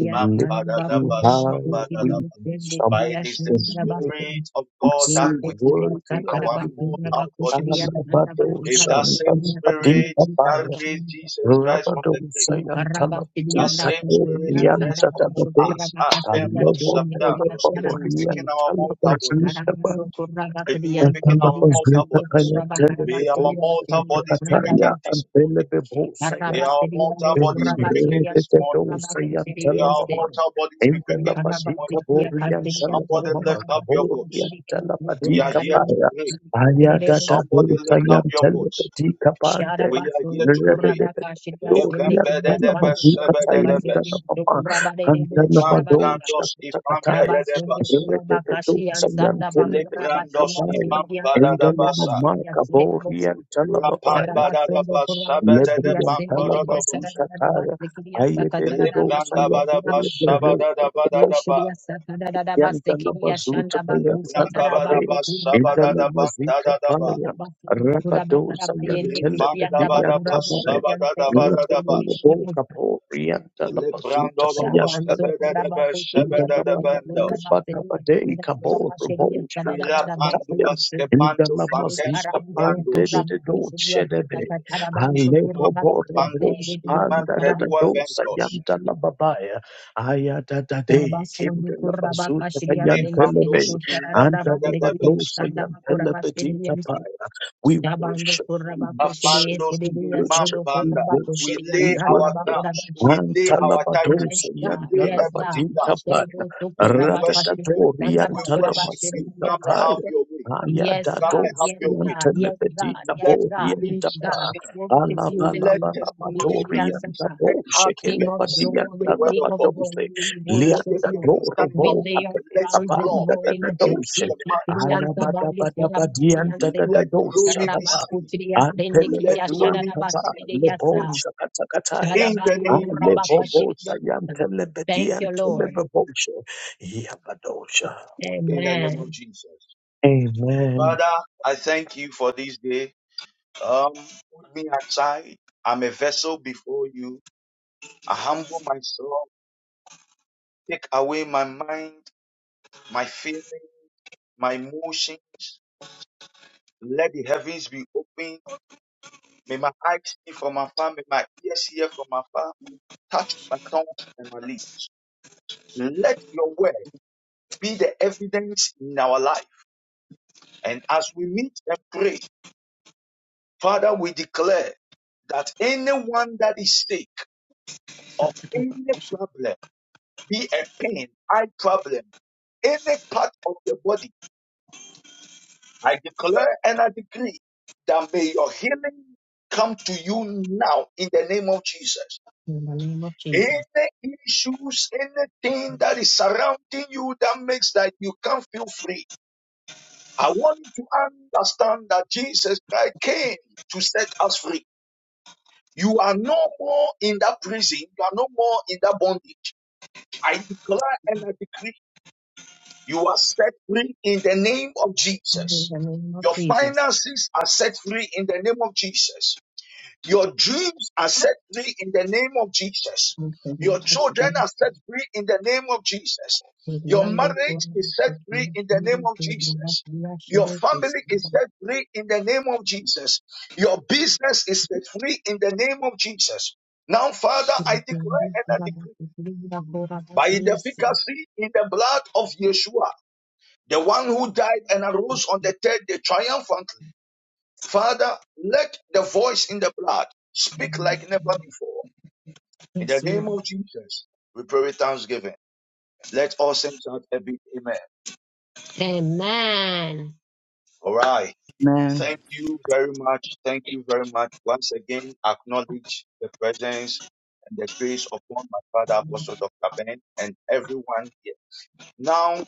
we lift you high, we exalt
But it is the
your name.
Spirit of
We
God
say,
that quicks
worthy are
our
you, Lord.
mortal bodies.
Alabado,
If that same Spirit
Santa,
that raised Jesus Christ from the
Rabadon
grave,
Sayantana
that same
Kato
Spirit rests
Rianta
upon
Tabate
us,
Alebo
ascendos, us. it
Polo
will quicken our
Riantana
mortal bodies.
Basita
Radando kuraba
It will
kadiyan
quicken
Atamba
our
tekiliyan
mortal
Poslita
sundo
bodies.
Kaya
kuraba
Tele de
May
karabas
our
sediyan
Bosa
mortal
sediyan
bodies be
sudadaba
Kataya
quickened
and
this
Tele
morning.
de Bosa
May
karaba
our
sediyan do
mortal bodies be
kuraba
quickened
sediyan
this
so
Yantelete
morning.
kuraba
Dosa
tu
May
sediyan
Yantala
our
Mama
se
mortal bodies be
Intela
quickened this
karaba
morning.
Patika
tekiya kar
Borian
sediyan
Tala
so
Somebody
Mama
lift up
kuraba
your
kadiyan
Kaborian
voice.
sediyan
Tala
so
We are
Patika
kuraba
here
riyan
to
Paya
pray.
Ayadata
sediyan se
Somebody
Dosa
lift up your
Yantele
voice.
Patika Pande
sharaba
We are here
sundo
to pray.
kuraba kashiriya sende
Doria
Remember the
kiliyan
Tala
debes, the
sundo
Maduka
kuraba
Tayantala
sebedebes.
kasiriyan so
Mama
kuraba de de bo
Antala
Imam
sharaba
Madosha
brandos
Rabasunde
ifambedebes.
Kurabakashi and Sardabakurabashi
Ilibrandos
and
Kabaya,
imam
Sidia
Endalama
badadabasa.
Kurabasidia
Mike,
Sidamos,
Aborian Talamabaya,
Rabasunde
Rapambadadabas,
Kurabakashidia
Lebrian
Sindi Kidia
sabedebamporodobos.
Talamazika
Charadabas,
Taya,
the Kidia
Ayedededosayam
Sakatarabashundo
Ilibrandabadabas,
Kurabasa,
Telebero,
sabadabadadaba.
Ushidia Satanadabas, the Kidia
Yandalabazuta
Shandabaku
Yantalababe,
Satarabaku
Ilibrandabadabas,
Kurabani,
Indalamazika
sabadabadadaba.
Paya,
Rabasunde
Rabadosa
Kurabakarabayende
Yantele
Rifandabadabas,
Kishiandabakurabasia,
Yantabai,
the Kidia
sabadabadadaba.
Sidia.
Rakapolabo, Yantalabazuta
Lebrandolobos
Shaban so pura
Yantalababa,
ba
Tebedebes
ko cheria de de de pura ba
Shebedebendos
se de
Indalabalabade,
anda pura
Kabor,
ba cheria da
Bosha
da da da da ba se
Katakataya,
Irapanduas
uste
Tepando Fantes
chara
Indalamazika
ba se
Pande
pura
Copiandos
ba
de
ko cheria da da
Dochedebe,
da chara ba so pura
Alebo
ba
Imapon
cheria se
Borabo,
de
Pandus
de de de
Anda
chara
de
ba
Imantedua
Dosa
Ventos
Yantalababaya. Aya da da day, kinda la bazuta pa yan
Lepandos
telebe, anta la
Imantedebes
badosa yan telebe we
Shaban do
worship,
pura
we
ba ko
worship,
cheria se
Afandos
de
we
de
worship, we
Imampanda We
worship, we
lay our
worship.
crowns, we lay our
Yes,
Antalabadosa
titles, we
God.
lay
Yes, God.
everything down
yantalabadika
Yes, God.
paya.
Yes, God. Yes,
and we
God.
worship
Yes,
you.
Ratatadori
We
God.
worship you.
yantalabasika
Come and have
paya.
your way. Come and have
Ayadadosa
your way.
Yes, God.
yantalabadika
Let
bori
Yes,
healings be
yantaba.
God.
seen.
We worship you this
Let
morning. Yes,
testimonies be
Alabalabadori
yes,
released.
God.
Let
yantabo
hearts
King
be
of
shekelebadi
received. The
glory.
word
King
of
of
God.
yantalabadosa.
glory. We
Let
worship
there be
you.
Liantadoro
understanding
We
of
boka
it.
lay our
Let
pesa
crowns this
love
banda
morning at your
penetrate the
feet.
minds of.
Yes,
Let glory be
Alabadabadabadiantadadadoshanaba.
seen. Let glory be
Antelebeduantaba
seen.
God.
leboushakatakataya.
In the
Shadabanda
name of
Kurabaka
Jesus.
Shikidabusha. Thank you, Lord.
Alebobotayantelebeduantoleboboshe. Yabadosha.
In the name of
Amen.
Jesus.
Amen.
Father, I thank you for this day. Um, put me aside. I'm a vessel before you. I humble myself. Take away my mind, my feeling, my emotion. Let the heavens be open May my eyes see from afar, may my ears hear from afar, touch my tongue and my lips. Let your word be the evidence in our life. And as we meet and pray, Father, we declare that anyone that is sick of any problem, be a pain, eye problem, any part of the body, I declare and I decree that may your healing come to you now in the name of Jesus.
In the name of
Any
Jesus.
issues, anything that is surrounding you that makes that you can't feel free. I want you to understand that Jesus Christ came to set us free. You are no more in that prison. You are no more in that bondage. I declare and I decree you are set free in the name of
In
Jesus.
the name of
Your
Jesus.
finances are set free in the name of Jesus. Your dreams are set free in the name of Jesus.
In the name
Your
of
children
Jesus.
are set free in the name of Jesus.
In the
Your
name
marriage is set
of
free
Jesus.
in the name
In
of
the name
Jesus. Your family is set free in the name of Jesus. Your business is set free in the name of Jesus. Now, Father, I declare and I decree
of
by the
Jesus.
efficacy in the blood of Yeshua, the one who died and arose on the third day triumphantly. Father, let the voice in the blood speak like never before. In the
Yes,
name
Lord.
of Jesus, we pray with thanksgiving. Let all saints out a big amen.
Amen.
All right.
man.
Thank you very much. Thank you very much. Once again, acknowledge the presence and the grace upon my father, Apostle Dr. Ben, and everyone here. Now,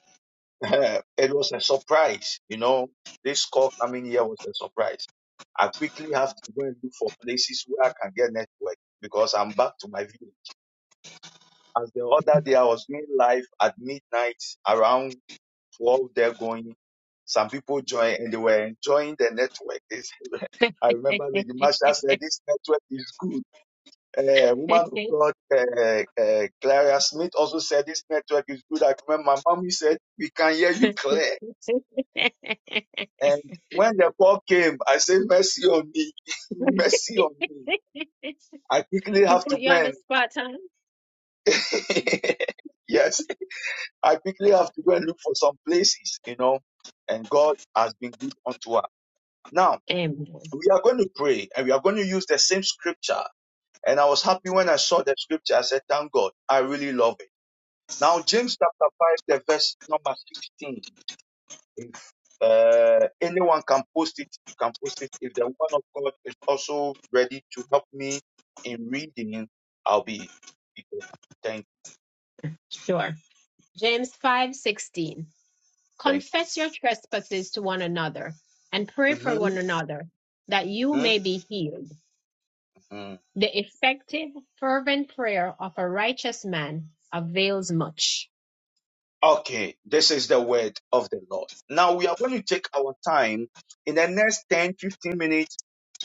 it was a surprise. You know, this call coming here was a surprise. I quickly have to go and look for places where I can get network because I'm back to my village. As the other day, I was doing live at midnight around 12 there going. Some people joined and they were enjoying the network. It's- I remember Lady Marsha said, This network is good. Uh, woman of God, uh, uh, Clara Smith also said, This network is good. I remember my mommy said, We can hear you clear. And when the call came, I said, Mercy on me. Mercy on me. I quickly
She
have to
put you
go
on the
and,
spot, huh?
yes, I quickly have to go and look for some places, you know. And God has been good unto us. Now,
Amen.
we are going to pray and we are going to use the same scripture. And I was happy when I saw the scripture. I said, Thank God, I really love it. Now, James chapter 5, the verse number 16. If uh, anyone can post it, he can post it. If the one of God is also ready to help me in reading, I'll be be glad. Thank
Sure. James five sixteen.
you.
Confess your trespasses to one another and pray
Thank
for
you.
one another that
hmm
you
hmm
may be healed.
hmm
The effective, fervent prayer of a righteous man avails much.
Okay, this is the word of the Lord. Now we are going to take our time in the next 10, 15 minutes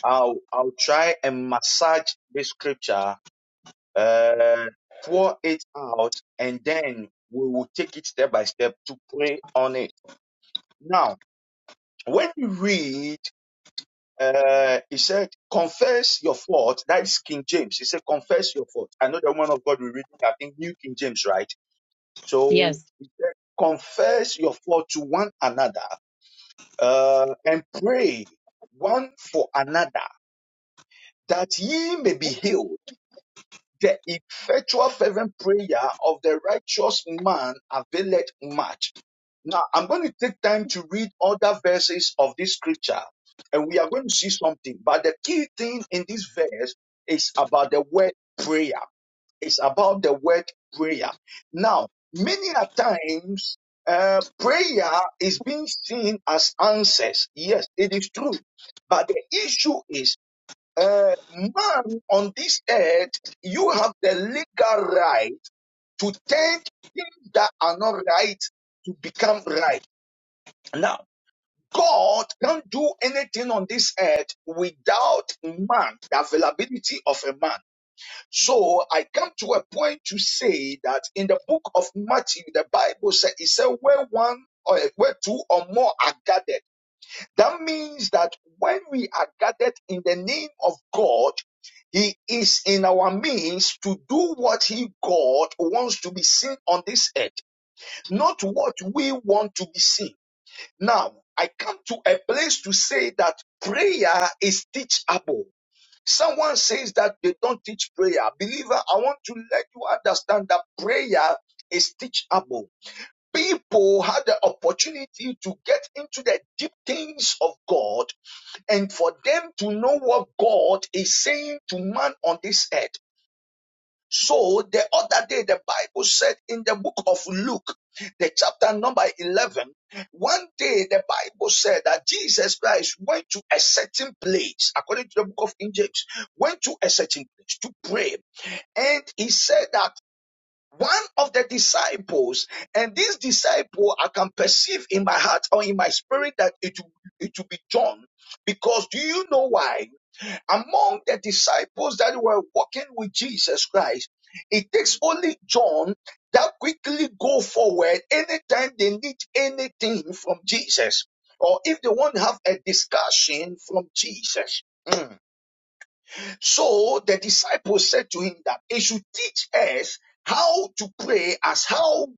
I'll I'll try and massage this scripture, uh, pour it out, and then we will take it step by step to pray on it. Now, when you read, uh, he said, confess your fault. That is King James. He said, confess your fault. I know the one of God we reading, I think New King James, right? So
Yes.
confess your fault to one another, uh, and pray one for another that ye may be healed. The effectual fervent prayer of the righteous man availeth much. Now, I'm going to take time to read other verses of this scripture and we are going to see something. But the key thing in this verse is about the word prayer. It's about the word prayer. Now, many a times, uh, prayer is being seen as answers. Yes, it is true. But the issue is uh, man on this earth, you have the legal right to change things that are not right to become right. Now, God can't do anything on this earth without man, the availability of a man. So I come to a point to say that in the book of Matthew, the Bible says, it said, where one or where two or more are gathered. That means that when we are gathered in the name of God, He is in our means to do what He, God, wants to be seen on this earth, not what we want to be seen. Now, I come to a place to say that prayer is teachable. Someone says that they don't teach prayer. Believer, I want to let you understand that prayer is teachable people had the opportunity to get into the deep things of God and for them to know what God is saying to man on this earth. So the other day, the Bible said in the book of Luke, the chapter number 11, one day the Bible said that Jesus Christ went to a certain place, according to the book of King James, went to a certain place to pray. And he said that one of the disciples, and this disciple, I can perceive in my heart or in my spirit that it, it will be John. Because do you know why? among the disciples that were walking with Jesus Christ, it takes only John that quickly go forward anytime they need anything from Jesus or if they want to have a discussion from Jesus. Mm. So the disciples said to him that he should teach us how to pray as how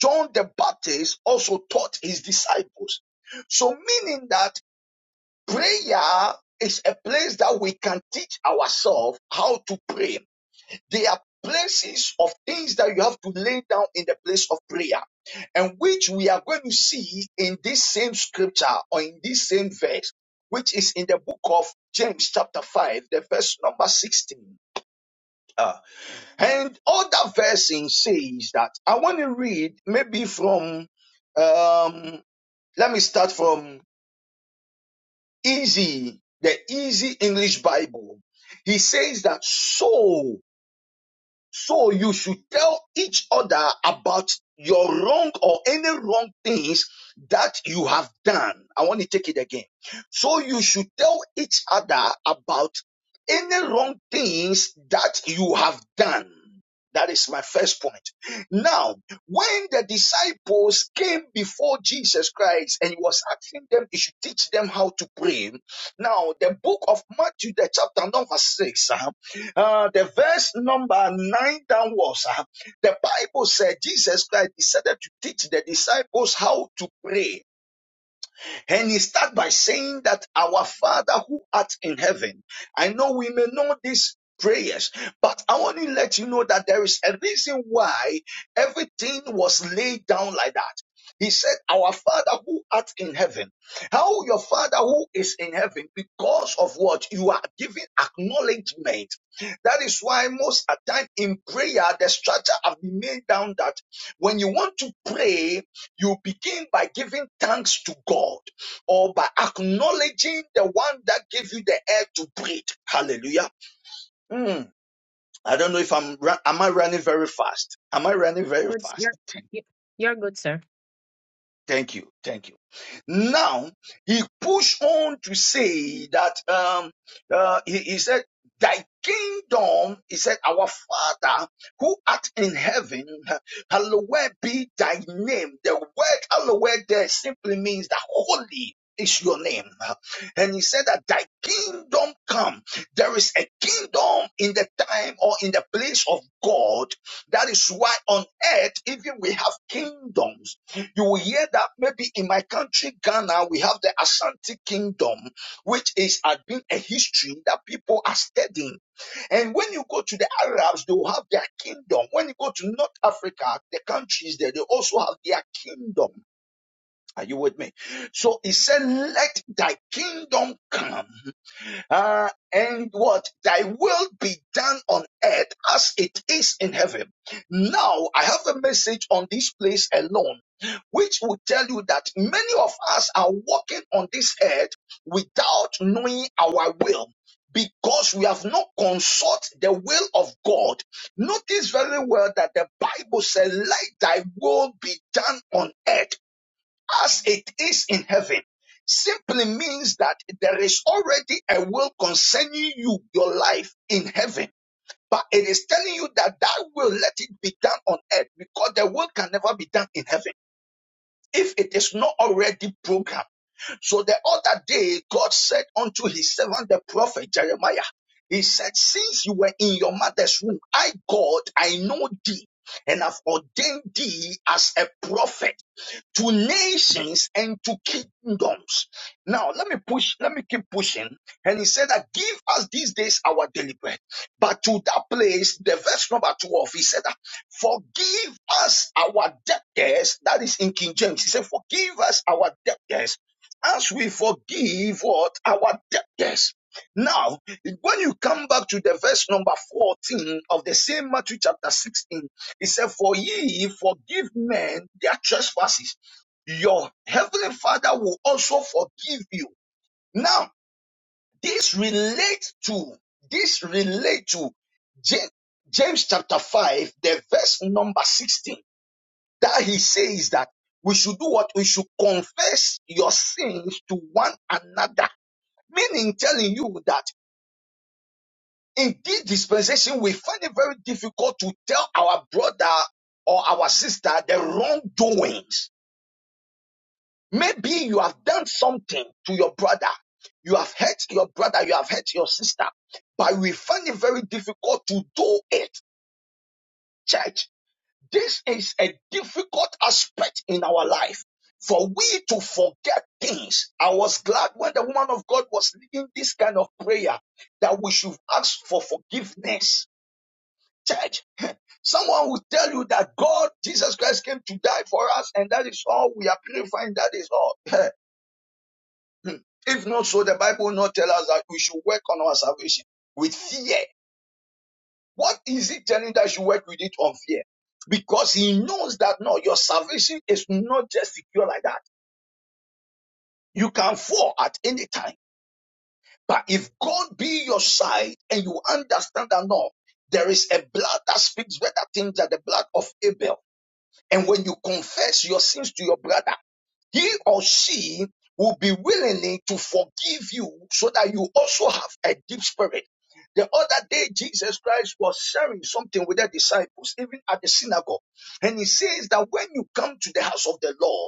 John the Baptist also taught his disciples. So meaning that Prayer is a place that we can teach ourselves how to pray. There are places of things that you have to lay down in the place of prayer, and which we are going to see in this same scripture or in this same verse, which is in the book of James, chapter 5, the verse number 16. Uh, and other version says that I want to read maybe from um let me start from Easy, the Easy English Bible. He says that so. So you should tell each other about your wrong or any wrong things that you have done. I want to take it again. So you should tell each other about any wrong things that you have done. That is my first point. Now, when the disciples came before Jesus Christ and he was asking them, he should teach them how to pray. Now, the book of Matthew, the chapter number six. uh, uh, the verse number nine downwards, uh, the Bible said Jesus Christ decided to teach the disciples how to pray and he starts by saying that our Father who art in heaven, I know we may know these prayers, but I want to let you know that there is a reason why everything was laid down like that. He said, Our Father who art in heaven. How your Father who is in heaven, because of what you are giving acknowledgement. That is why most of the time in prayer, the structure have been made down that when you want to pray, you begin by giving thanks to God or by acknowledging the one that gave you the air to breathe. Hallelujah. Hmm. I don't know if I'm, am I running very fast? Am I running very
Good.
fast?
you- are you are good, sir.
Thank you. Thank you. Now he pushed on to say that um uh, he, he said, Thy kingdom, he said, Our Father who art in heaven, hallowed be thy name. The word hallowed there simply means that holy is your name. And he said that thy kingdom come. There is a kingdom in the time or in the place of God. That is why on earth, even we have kingdoms you will hear that maybe in my country, Ghana, we have the Ashanti Kingdom, which is has been a history that people are studying. And when you go to the Arabs, they will have their kingdom. When you go to North Africa, the countries there, they also have their kingdom. Are you with me? So he said, Let thy kingdom come. Uh, and what? Thy will be done on earth as it is in heaven. Now, I have a message on this place alone, which will tell you that many of us are walking on this earth without knowing our will. Because we have not consult the will of God. Notice very well that the Bible says, Let thy will be done on earth as it is in heaven simply means that there is already a will concerning you, your life in heaven. But it is telling you that that will let it be done on earth because the will can never be done in heaven if it is not already programmed. So the other day, God said unto his servant, the prophet Jeremiah, he said, since you were in your mother's womb, I, God, I know thee and have ordained thee as a prophet to nations and to kingdoms. Now, let me push, let me keep pushing. And he said that give us these days our daily bread. But to that place, the verse number 12, he said that forgive us our debtors. That is in King James. He said, forgive us our debtors as we forgive what our debtors. Now, when you come back to the verse number 14 of the same Matthew chapter 16, he said, For ye forgive men their trespasses your heavenly father will also forgive you. Now, this relates to, this relate to Ja- James chapter 5, the verse number 16, that he says that we should do what? We should confess your sins to one another. Meaning telling you that in this dispensation, we find it very difficult to tell our brother or our sister the wrongdoings Maybe you have done something to your brother. You have hurt your brother. You have hurt your sister. But we find it very difficult to do it. Church, this is a difficult aspect in our life for we to forget things. I was glad when the woman of God was leading this kind of prayer that we should ask for forgiveness. Church, someone will tell you that God, Jesus Christ came to die for us and that is all. We are purifying. That is all. Hmm. If not so, the Bible will not tell us that we should work on our salvation with fear. What is it telling that you work with it on fear? Because he knows that no, your salvation is not just secure like that. You can fall at any time. But if God be your side and you understand that no, there is a blood that speaks better things than the blood of Abel. And when you confess your sins to your brother, he or she will be willingly to forgive you so that you also have a deep spirit. The other day, Jesus Christ was sharing something with the disciples, even at the synagogue. And he says that when you come to the house of the Lord,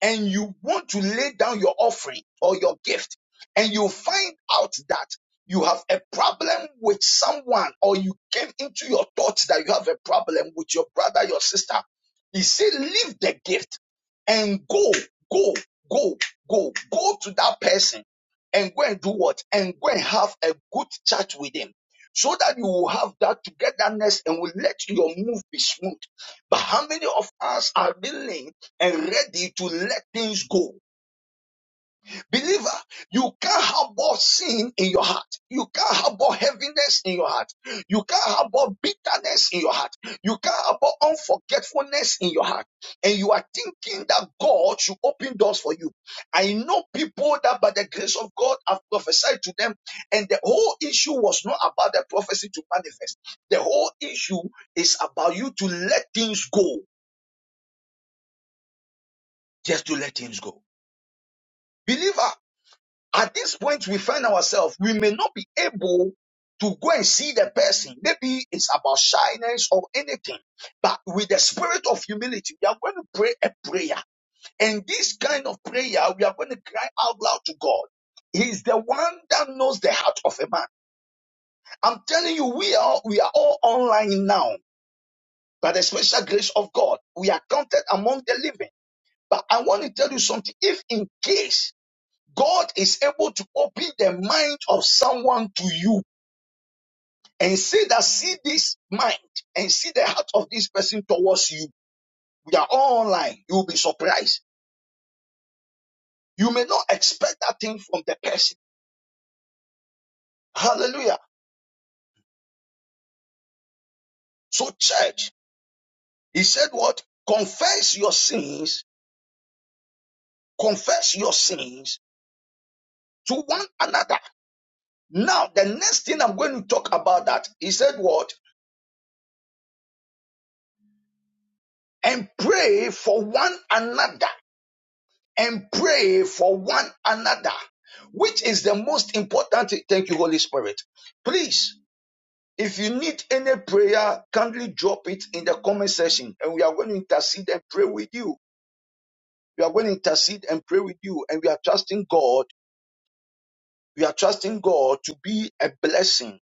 and you want to lay down your offering or your gift and you find out that you have a problem with someone or you came into your thoughts that you have a problem with your brother, your sister, he said, leave the gift and go, go, go, go, go to that person and go and do what? And go and have a good chat with him so that you will have that togetherness and will let your move be smooth. But how many of us are willing? and ready to let things go. Believer, you can't harbor sin in your heart. You can't harbor heaviness in your heart. You can't harbor bitterness in your heart. You can't harbor unforgetfulness in your heart. And you are thinking that God should open doors for you. I know people that by the grace of God have prophesied to them, and the whole issue was not about the prophecy to manifest. The whole issue is about you to let things go. Just to let things go. Believer, At this point, we find ourselves, we may not be able to go and see the person. Maybe it's about shyness or anything. But with the spirit of humility, we are going to pray a prayer. And this kind of prayer, we are going to cry out loud to God. He's the one that knows the heart of a man. I'm telling you, we are we are all online now. By the special grace of God, we are counted among the living. But I want to tell you something. If in case God is able to open the mind of someone to you and say that see this mind and see the heart of this person towards you. We are all online. You will be surprised. You may not expect that thing from the person. Hallelujah. So church, he said what? Confess your sins. Confess your sins to one another. Now, the next thing I'm going to talk about that, he said what? And pray for one another and pray for one another, which is the most important. thing. Thank you, Holy Spirit. Please, if you need any prayer, kindly drop it in the comment section, and we are going to intercede and pray with you. We are going to intercede and pray with you, and we are trusting God. We are trusting God to be a blessing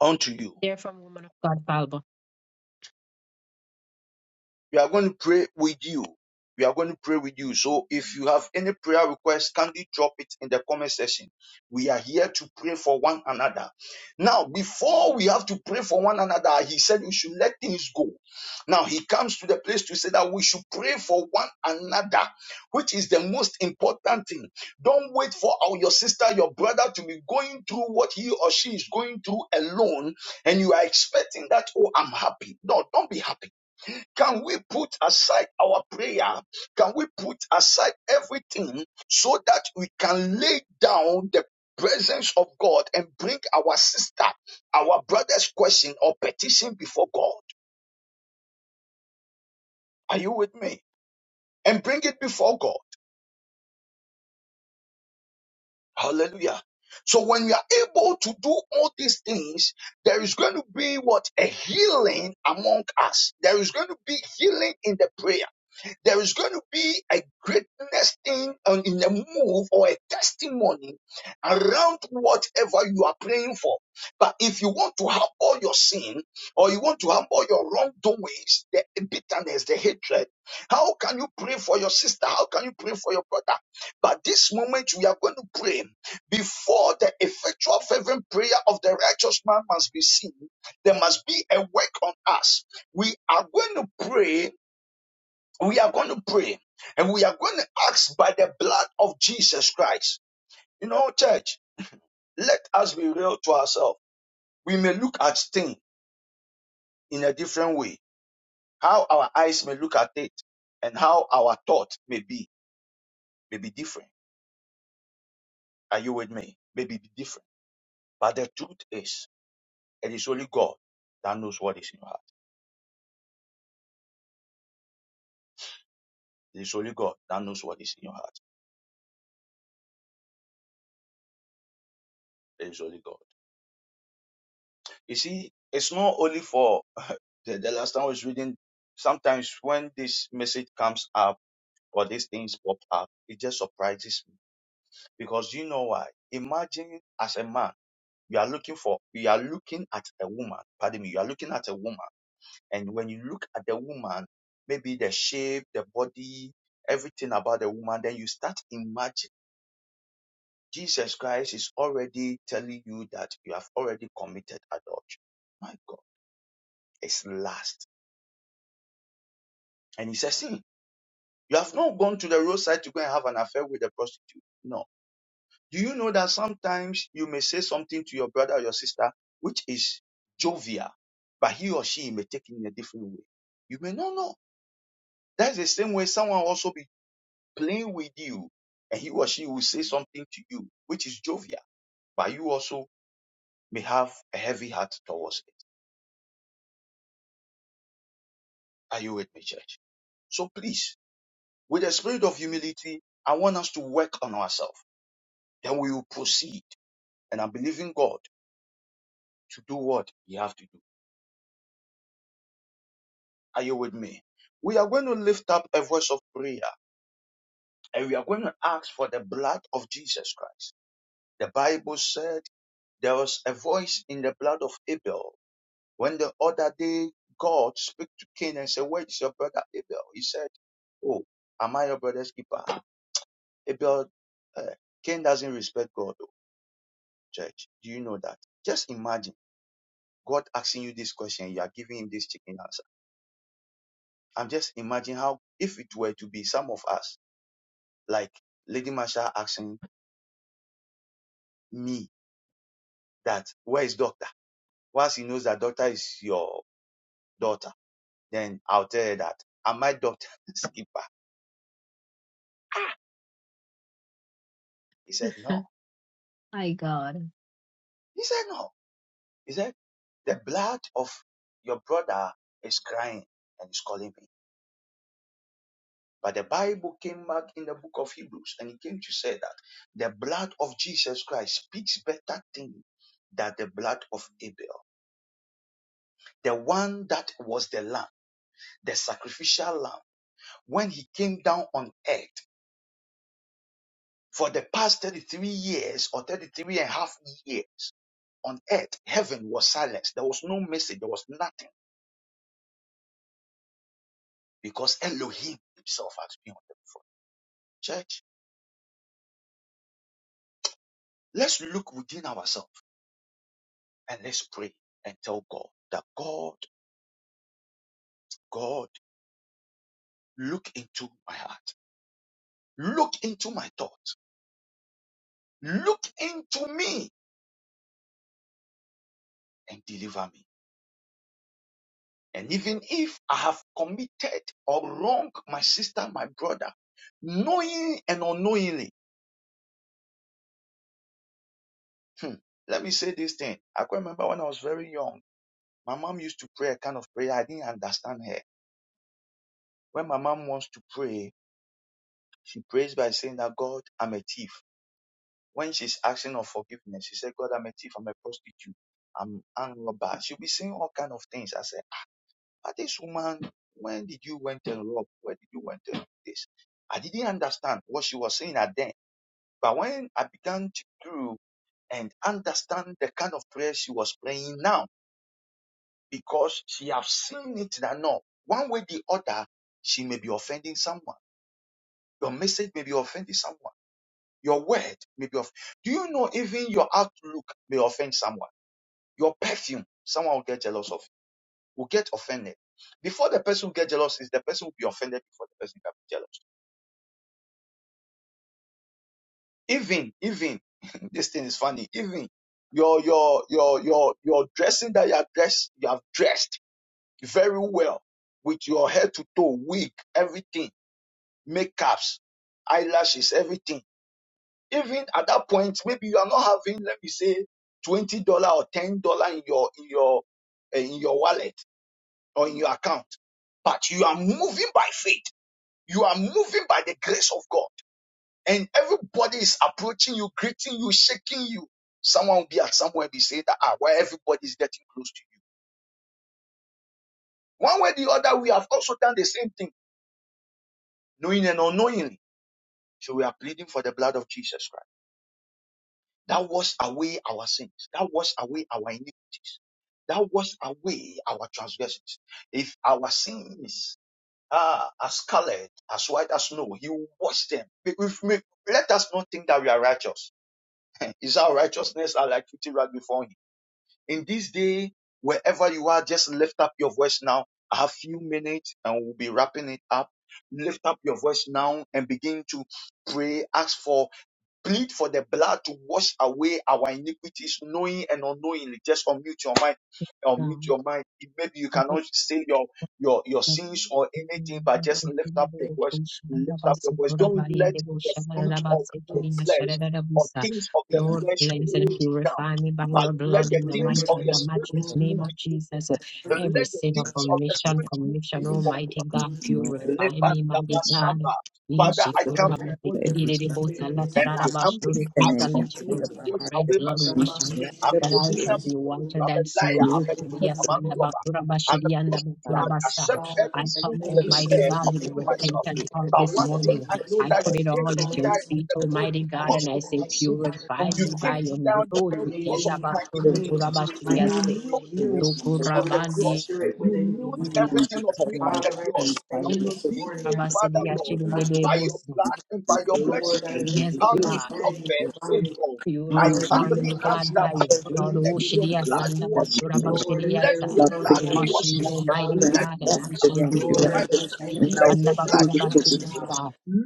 unto you.
You're from woman of God, Falbo.
We are going to pray with you. We are going to pray with you. So if you have any prayer request, kindly drop it in the comment section. We are here to pray for one another. Now, before we have to pray for one another, he said we should let things go. Now he comes to the place to say that we should pray for one another, which is the most important thing. Don't wait for our, your sister, your brother to be going through what he or she is going through alone, and you are expecting that, oh, I'm happy. No, don't be happy can we put aside our prayer? Can we put aside everything so that we can lay down the presence of God and bring our sister, our brother's question or petition before God? Are you with me? And bring it before God. Hallelujah. So when we are able to do all these things, there is going to be what? A healing among us. There is going to be healing in the prayer. There is going to be a greatness thing um, in a move or a testimony around whatever you are praying for. But if you want to humble your sin or you want to humble your wrongdoings, the bitterness, the hatred, how can you pray for your sister? How can you pray for your brother? But this moment we are going to pray before the effectual fervent prayer of the righteous man must be seen. There must be a work on us. We are going to pray we are going to pray and we are going to ask by the blood of Jesus Christ. You know, church, let us be real to ourselves. We may look at things in a different way. How our eyes may look at it and how our thought may be, may be different. Are you with me? Maybe be different. But the truth is, it is only God that knows what is in your heart. It is only God that knows what is in your heart. It is only God. You see, it's not only for the, the last time I was reading, sometimes when this message comes up or these things pop up, it just surprises me. Because you know why? Imagine as a man, you are looking for, you are looking at a woman, pardon me, you are looking at a woman. And when you look at the woman, maybe the shape, the body, everything about the woman, then you start imagining. Jesus Christ is already telling you that you have already committed adultery. My God, it's lust And he says, See, you have not gone to the roadside to go and have an affair with a prostitute. No. Do you know that sometimes you may say something to your brother or your sister which is jovial, but he or she may take it in a different way? You may not know. That's the same way someone also be playing with you, and he or she will say something to you which is jovial, but you also may have a heavy heart towards it. Are you with me, church? So please, with a spirit of humility, I want us to work on ourselves. Then we will proceed and I'm believing God to do what He have to do. Are you with me? We are going to lift up a voice of prayer and we are going to ask for the blood of Jesus Christ. The Bible said there was a voice in the blood of Abel. When the other day God spoke to Cain and said, Where is your brother Abel? He said, Oh, am I your brother's keeper? Abel, uh, Cain doesn't respect God, oh, church. Do you know that? Just imagine God asking you this question. You are giving him this chicken answer. I'm just imagining how if it were to be some of us, like Lady Marsha asking me that where is doctor? Once he knows that doctor is your daughter, then I'll tell her that am I doctor Skipper? He said no.
I
He said no. He said the blood of your brother is crying and is calling me. But the Bible came back in the book of Hebrews and it came to say that the blood of Jesus Christ speaks better things than the blood of Abel, the one that was the lamb. the sacrificial lamb, when he came down on earth for the past 33 years or 33 and a half years on earth, heaven was silenced. There was no message, there was nothing because Elohim himself has been on the front. Church, let's look within ourselves and let's pray and tell God that God, God, look into my heart, look into my thoughts, look into me and deliver me. And even if I have committed or wronged my sister, my brother, knowing and unknowingly, hmm, let me say this thing. I can remember when I was very young, my mom used to pray a kind of prayer. I didn't understand her. When my mom wants to pray, she prays by saying that God, I'm a thief. When she's asking for forgiveness, she said, God, I'm a thief, I'm a prostitute, I'm a robber. She'll be saying all kind of things. I said, but this woman, when did you went and rob? Where did you went and do this? I didn't understand what she was saying at then But when I began to do and understand the kind of prayer she was praying now, because she have seen it that no, one way the other, she may be offending someone. Your message may be offending someone. Your word may be off. Do you know even your outlook may offend someone? Your perfume, someone will get jealous of, will get offended. Before the person will get jealous, is the person will be offended before the person can be jealous. Even, even, this thing is funny. Even your, your, your, your, your dressing that you are dressed, you have dressed very well with your head to toe, wig, everything, makeups, eyelashes, everything. Even at that point, maybe you are not having, let me say, twenty dollar or ten dollar in your, in your, eh, in your wallet or in your account, but you are moving by faith. You are moving by the grace of God and everybody is approaching you, greeting you, shaking you, someone will be at somewhere be saying that ah, where everybody is getting close to you. One way or the other, we have also done the same thing, knowing and unknowingly. So we are pleading for the blood of Jesus Christ. That washed away our sins. That washed away our iniquities. That washed away our transgressions. If our sins are as scarlet, as white as snow, He will wash them. If we- let us not think that we are righteous. is our righteousness are like filthy rag before Him? In this day, wherever you are, just lift up your voice now. I have few minutes and we'll be wrapping it up. Lift up your voice now and begin to pray. Ask for plead for the blood to wash away our iniquities, knowing and unknowingly. Just unmute your mind. Unmute
God.
your mind. Maybe you cannot say your your your sins or anything, but
Father,
just lift up your
thank
voice. Lift up your voice.
you,
Don't let the fruit
Father,
of the
cleanse
flesh or things of
me,
the
God.
Lord,
flesh
cleanse
hold
and
you down,
purify me by
but
your
let
blood
the
in the
things
Lord,
of
mighty
I
and
the
the
just
spirit
matchless
move
name
glorify
of
you. more.
Jesus.
you
Every
Let the
sin of
things of the
omission,
spirit move
commission,
you more.
because you
Almighty
are worthy
God,
to
No,
be
purify
praised.
me,
Rebanda
mighty God.
Basamba.
Let
Father, I
this
Lord,
is
come
I
before
for
you
thank
every
this
you for
evening,
this.
and I
negative
humbly
and
ask of you
intent
your
to
of our
wash
heart
red
that
away my
blood
we
wash
sins.
can
me
Rabaki
line
I'm
up
a
that I
with
Tiribu
shall
sinner
be
before you.
whiter
I'm a
than
liar. I'm
snow.
a thief. I'm
Yes,
a
and the
robber.
Bakura
I'm a
Bashiri and the
I
prostitute.
love
I
Bakura
you,
Basa.
accept
Father,
I
every
I
sin
come,
on
thank
Father,
you
for
this
Almighty
this
earth
God, with a
morning,
upon
mighty
myself.
repentant
God,
heart
But
for your
this
grace
one
and
thing
your
morning.
I know
I
mercy.
that you
put it
came
all
to
at your
die
Cleanse me
on
feet,
the
this
cross
Almighty
morning,
God,
mighty
because
and I
of
God, and
my
say,
make me white.
sins.
as
Purify
You
me
snow.
by
came to
your
die on the cross
mercy.
Renewed
because
in
of
me
my
a
your
clean
iniquities.
heart, my
You
grant,
God, and
knew
for
my
renew
your mercy,
sins
a
on the
right
cross.
spirit
You
within
knew
me, mighty
Mm,
God.
everything of me
my
on the
Father, I
cross.
sins
just
by your
thank you
And on
this
this
morning.
day,
I just
Father Lord,
glorify your
by
word.
your blood and by your
you heal,
Lord, I
mercy,
Yes,
lift
you
how
up and
you
God.
I
heal.
suffered,
magnify
oh
you.
God, I
Hallelujah,
Mm,
Purify
humbly
me,
because
ask
God,
you
that
by
are
your blood.
worthy to
let
Oh,
be
your
Shadia
blood
bless
praised.
Sandam,
them,
wash it.
Duraba
Lord.
Lord, and
Let
there is
your
Father,
none
forgive me
blood
like
for
Wash
wash
you.
me,
it.
my
Almighty
sins,
Let
Hallelujah.
God, and
your
I
that's
blood
shall
against
be
you.
Lord, I
purify.
whole. Oh,
just
Shadia
thank you
Let
No,
this
your
Sandaba,
do
blood
morning,
this to
my
cleanse me.
God.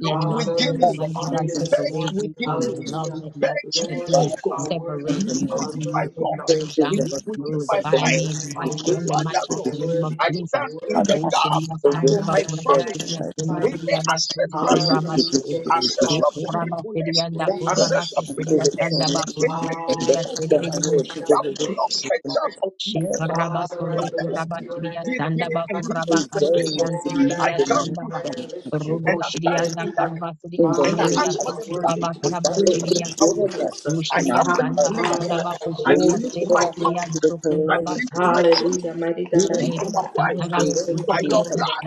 Let
Father,
nothing,
I
within
just
me.
Almighty
honor
me.
God,
you this
Purge
morning.
separate me from
within me.
your love.
Hallelujah.
Let
Purge me,
Lord,
God,
oh
nothing
you are
God.
and
worthy,
separate
you
Look
me
the
are
from
within my
worthy,
you,
mercy,
you are
thoughts.
Almighty
praise you,
worthy.
God,
Look
but
within
Jesus.
my
and
mind.
the
purify me in
You
the
mercy, we
are
mighty and
worthy,
the
you
Father,
give
are
matchless
Lord,
name
you.
worthy,
of
I
you
Jesus.
are
stand in
Father,
worthy.
the
Oh,
I
gap
ask
Shadia
for
My
your
for
Sandaba,
my
God,
Duraba
I
family.
faithfulness, and
magnify you.
Any
Shadia
we
ancestral
give
sins,
Hallelujah.
Sa.
you
You are
ancestral
Jesus.
worthy
Shikuraba
to be
forgetfulness,
Sidianda
Doctor,
praised.
Kuraba
ancestral
and for
Kushia
Jesus.
the
bitterness,
Sandaba Kuraba
torment, and
anything,
Hallelujah.
Sidia
oh
Sidi
the
God,
de
family,
My
Bush.
to the
that
God, thank you,
blocks
religion,
a
and
chance
Father.
of you,
all
Shikaraba
Father, I
Sundu
the
Father,
bless
Lord,
Kuraba
you and I
Chidia
this day
magnify
Sandaba
you.
and this
Kuraba
things
dispensation,
Kashirian
they in
Lord, I
my
I
Sidia
come
dominion,
Sandaba.
magnify
before
and lift you
and
Rubo
I
up.
stand
Shirianda
in that
Hallelujah.
gap
Karaba Sidia
in the
and I
Father,
name
Shidia
ask
you
for
of
are
the blood
worthy
Kuraba
to
the
be
Karaba
Father,
to
praised,
wash
in
Shidia
it
Sam.
away.
Jesus.
goodness,
I
my
Ushidia
Our
humbly
heart,
Sandaba
plead.
God.
Father,
Kuraba
I
I
Kushidia
Ladies,
plead
put
for
it
my
glorify
out
you.
family.
Sendikidia
next to the
I
Sukuraba
plead for
calamity
my children.
Hallelujah, mighty God, I
Plead for my
forgiveness.
shabbat your
wife. ah.
name
Deliver
this
me
By your
morning.
from
blood,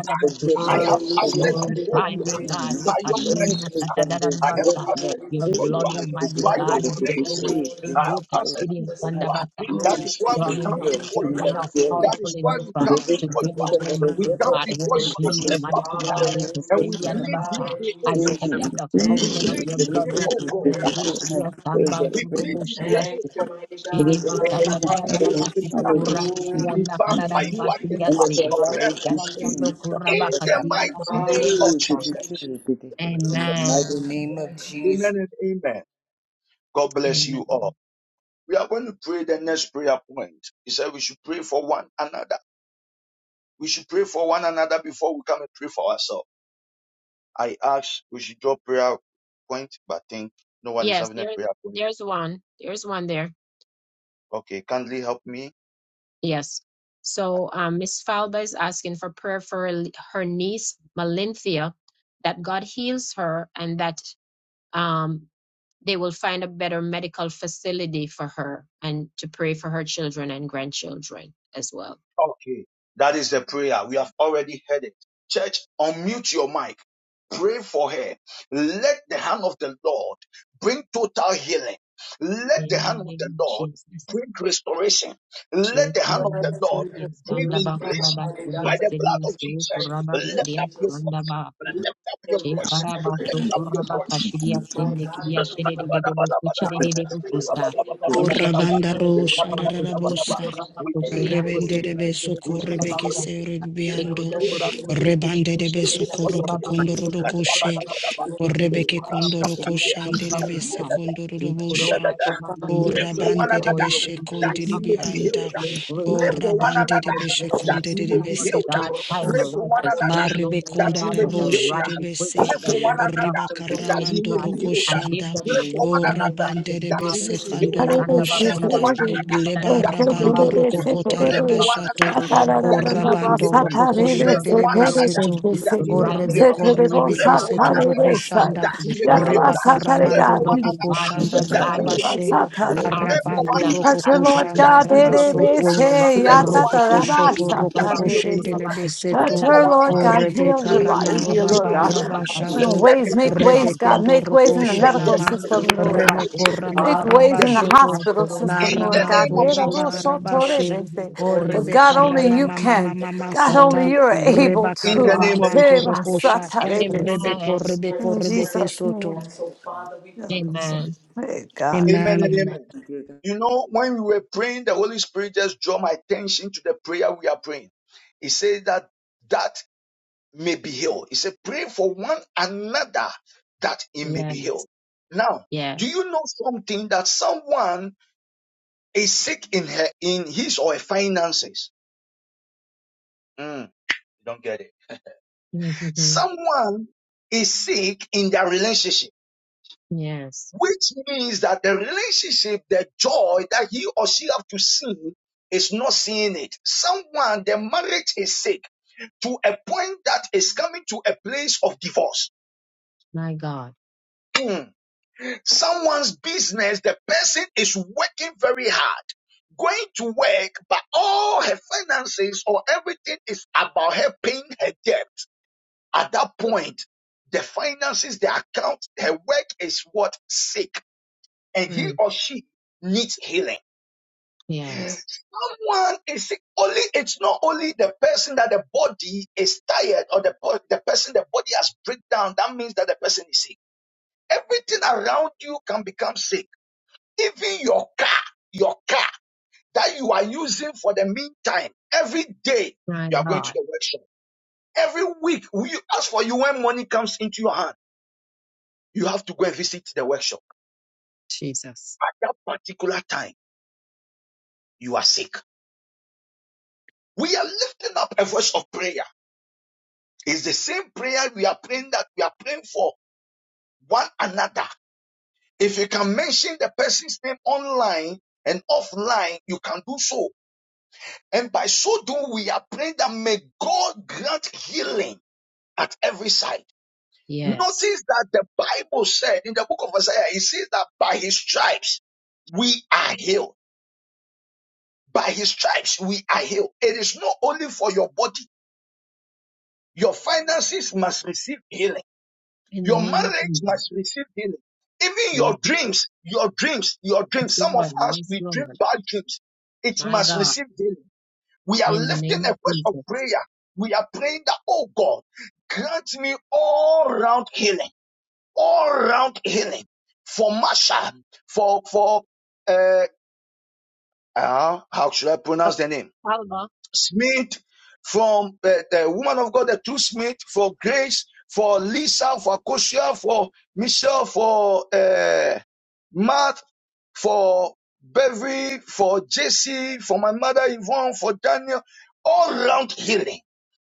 I have
forgiveness, oh
Hallelujah,
God.
access
mighty
before
Glorify
God,
you.
me,
ah.
thank
God.
you,
Forgiveness.
By
Jesus.
your
Deliver me from
Ekashindia
mercy, ah, I have
tatadarabasa.
resentment.
access
Glory
Your
I
to
before
your
choose
you.
blood,
ah.
name,
Almighty
to
By
Holy
your
God, is
One.
the
forgive,
grace,
Glory
only thing.
to
ah, I
your name,
have access
Ekashindia
Jesus.
before you. ah. That is why
Glory to
we
strong
your
come
enough,
name,
before
to
strong
you.
mighty
ah.
let
enough,
God.
go.
That
Glory
powerful
is
to
why
your
enough
we
The
uh,
match.
come
to
before
do
you. ah.
it,
destruction that
We
has
Almighty
come
ever
God.
before you
Wash
offended
as
me,
a
Almighty
me,
family.
to
God.
ah.
If It
forgive
is
And
still
we
with
the
me.
Hallelujah,
plead
other
this
side.
day, oh
I
hallelujah,
God.
step in
ah.
the
Thank,
We
you,
fountain of
plead
your
this day,
blood this
oh God.
morning.
ah.
thank, you,
Yes, should
I
be
pray
stand
Jesus.
by
that
We
it
to the
plead
bring
bush,
this
we
us
day,
are
back.
thank
oh
sick.
you,
God.
mighty God.
Shiri
Deliver me
butsa
from
katara
Hallelujah.
kada
Rekabantos
bashi
the heart of
Keprandos,
kura
my sorrow.
Glory
basiyanda
to your
karara
name,
Ipampayua
and
Jesus.
that
Tempas
their
basiyasi.
lives
Hallelujah.
Yara
Okretos,
yando kura
Thank
in the mighty
you,
bakasiyanda
name
kachire
Father.
of
basa.
Thank
Jesus.
you, Jesus.
In the
Amen.
mighty name of
Amen.
Jesus.
Amen and amen. God bless you
Amen.
all. We are going to pray the next prayer point. He said we should pray for one another. We should pray for one another before we come and pray for ourselves. I prayer point,
Yes,
the
there,
prayer point.
there's one. There's one there.
Okay.
Yes. So um, Miss Falba is asking for prayer for her her niece Malinthea, that God heals her and that um, they will find a better medical facility for her, and to pray for her children and grandchildren as well.
okay. That is the prayer. We have already heard it. Church, unmute your mic Pray for her. Let the hand of the Lord bring total healing. Let the
In the
hand of
name
the
of
Lord
Jesus.
bring restoration. Let
Shake
the
the
hand of the
Bless
hands, yes,
Lord
you, the
yes,
bring
and the
Lord.
back,
Look up,
liberation
rubber,
mighty God,
by
yes,
for
the
you.
yes,
blood
In
of
yes,
the
so,
Jesus.
mighty
rubber,
name
yes,
of
Lift up your
Jesus.
voice.
Yeah,
Lift up your
mighty
voice.
God, I pray
Shekarabato
Lift
that
up
you'll
your
Kurabaka
touch,
voice.
Shidia
my
Sende
God, in
Kidia
the name of
Shedebo
Jesus, Father, I
Kuchedebo
pray for
Kusta.
favor. Lord,
Ushekete
Orabanda
that
Kere
ro
Kurabako Sokoto
shararabosa.
you're
We
Kurabako
In the
pray
Shidia
for your
mighty
Rebende de
name
healing.
of
Kosokoto
beso
We
Jesus,
pray
correbeke
for
Kurabaka.
Father,
your
se
healing.
I pray,
We put
mighty
rebiando.
God,
Pray
that
for
you
your
will
healing.
Almighty
Rebande de
in
Pray
beso
for
that
one
corroco condoro do
situation.
another
coche.
This is the Lord, you
Orrebeke
are mighty
condoro
God,
cochande
on
le
your
bese
own.
condoro do bosha.
So,
God
Father, we
Lindsay
pray for
Orabande
your
de
before
beshe
you,
that
grace.
he
God,
condilibi
may
that
be
there is
anda.
healed.
Maybe we
no
Pray
breakthrough,
for one
but your
Orabande de
another
mighty
beshe
God,
that
conde
he may
de
be
Lord
healed.
beseto.
God, find
Pray
the
for
right
one another
facility,
Maribe
that
Almighty
konda
he
God,
may
with the
be
rabo
healed.
right
Pray
equipment,
sherebese,
the
for one
right
another
riba
doctors,
that
Almighty
he
karamando
may
God,
be
roko
healed.
and give
shanda,
them
Pray
the
for one
o
wisdom,
another
Almighty
rabande
that
God
he may
rebese
be healed.
kandolo bo
Pray for
shanda,
one another
leba
that he may be
rabando
healed.
to
roko
give
kota
her
Pray
the
for
proper
one
rabashato,
care,
another
Almighty
o
that he
God,
may be
and let
rabando
healed.
your
roko
healing
Pray
koshende
for
virtue
one
rebese
flow
another
to,
that he
even
o
may
right
be
rebe
healed.
now,
koribibi
Almighty
Pray
God,
for
kese
from
one
to
the
roko
crown
another
of her
shanda,
head
that
to
he
the
may be
sole of
healed.
her
reba
feet.
Pray for
karamando
one
roko
Mighty God,
another
you
koshanda
said
that
by
he
your
may be
dadabashe,
healed.
stripes we are
Pray for
healed.
arabando
one
And
roko
your
another
Lord
so we
koshanda
that
God,
he
bring
may
her
be healed.
before
rabasoto,
you right
say,
Pray for
now.
one
roko
another
koshoto roko
that he may be
koshende
healed. Pray
lebeseto,
touch
for
her,
one another
Lord
O
Ushiriyandabandokurabakashiriyandabasa.
God, heal
Rebecca
her body,
Rama
dear Lord
Dinge
Uraba
be
God.
healed.
Raba
Open
Shato
Let
ways,
the
make
healing hand
Ushiriyandabandokurabakashiriyandabasa.
ways,
of
God,
Rebekendo
make ways
God
Roko
Yes,
in the
We
visit
say,
medical
them.
Shanama
"Mm, they
system,
get a
Lord
Grant
God.
the
bus,
Remeko
children
Rama
Make ways
Raba
their
in the
healing.
Shoto
hospital
Na
system,
In
Almighty
Lord
the
God,
Rama
God.
to
name
her
of
Because
Raba
children
Jesus.
and
Rabashe
grandchildren
O
before you.
God,
Rebecca
She
only
Rama
you
Mama
can.
Mama
God,
Thank
only
Masata
you,
you're
Jesus.
able
Rebecca
In the
to.
Rama
name of
Father,
Manto
Jesus.
Rokosha
Amen.
Rebeko Rebeko
In
mercy, grant
Rebeke
me.
Jesus' name.
Soto
And so, Father, we please
Amen.
Hey, God.
Amen
Amen.
and
Amen.
amen. You know, when we were praying, the Holy Spirit just drew my attention to the prayer we are praying. He said that that may be healed. He said, pray for one another that it may be healed.
Yes.
Now,
Yes.
do you know something that someone is sick in her in his or her finances? Mm, you don't get it.
Mhm.
Someone is sick in their relationship,
yes.
which means that the relationship, the joy that he or she have to see is not seeing it. Someone, their marriage is sick to a point that is coming to a place of divorce.
My God.
Hmm. Someone's business, the person is working very hard, going to work, but all her finances or everything is about her paying her debt. At that point, the finances, the account, her work is what? Sick. And he
Mm,
or she needs healing.
yes.
Someone is sick. Only, it's not only the person that the body is tired or the, the person the body has break down. That means that the person is sick. Everything around you can become sick. Even your car, your car that you are using for the meantime, every day
My
you are going to
God.
the workshop. Every week, we, as for you, when money comes into your hand, you have to go and visit the workshop
Jesus.
at that particular time you are sick. We are lifting up a voice of prayer. It's the same prayer we are praying that we are praying for one another. If you can mention the person's name online and offline, you can do so. And by so doing, we are praying that may God grant healing at every side.
Yes.
Notice that the Bible said in the book of Isaiah, it says that by his stripes we are healed. By his stripes we are healed. It is not only for your body Your finances must receive healing.
In the
Your
name of
marriage
Jesus.
must receive healing. Even
Yes.
your dreams, your dreams, your dreams.
Yes,
Some of
Lord.
us,
Yes,
we dream
Lord.
bad dreams. It
My
must
God.
receive healing. We are
In the
lifting
name
a
of
voice of
Jesus.
prayer. We are praying that, oh God, grant me all round healing, all round healing for Masha, for, for, uh, uh, how should I
But,
pronounce the name?
Father,
Smith, from the, the woman of God, the two Smith, for Grace, for Lisa, for Kosia, for Michelle, for uh, Matt, for Beverly, for Jesse, for my mother Yvonne, for Daniel, all round healing,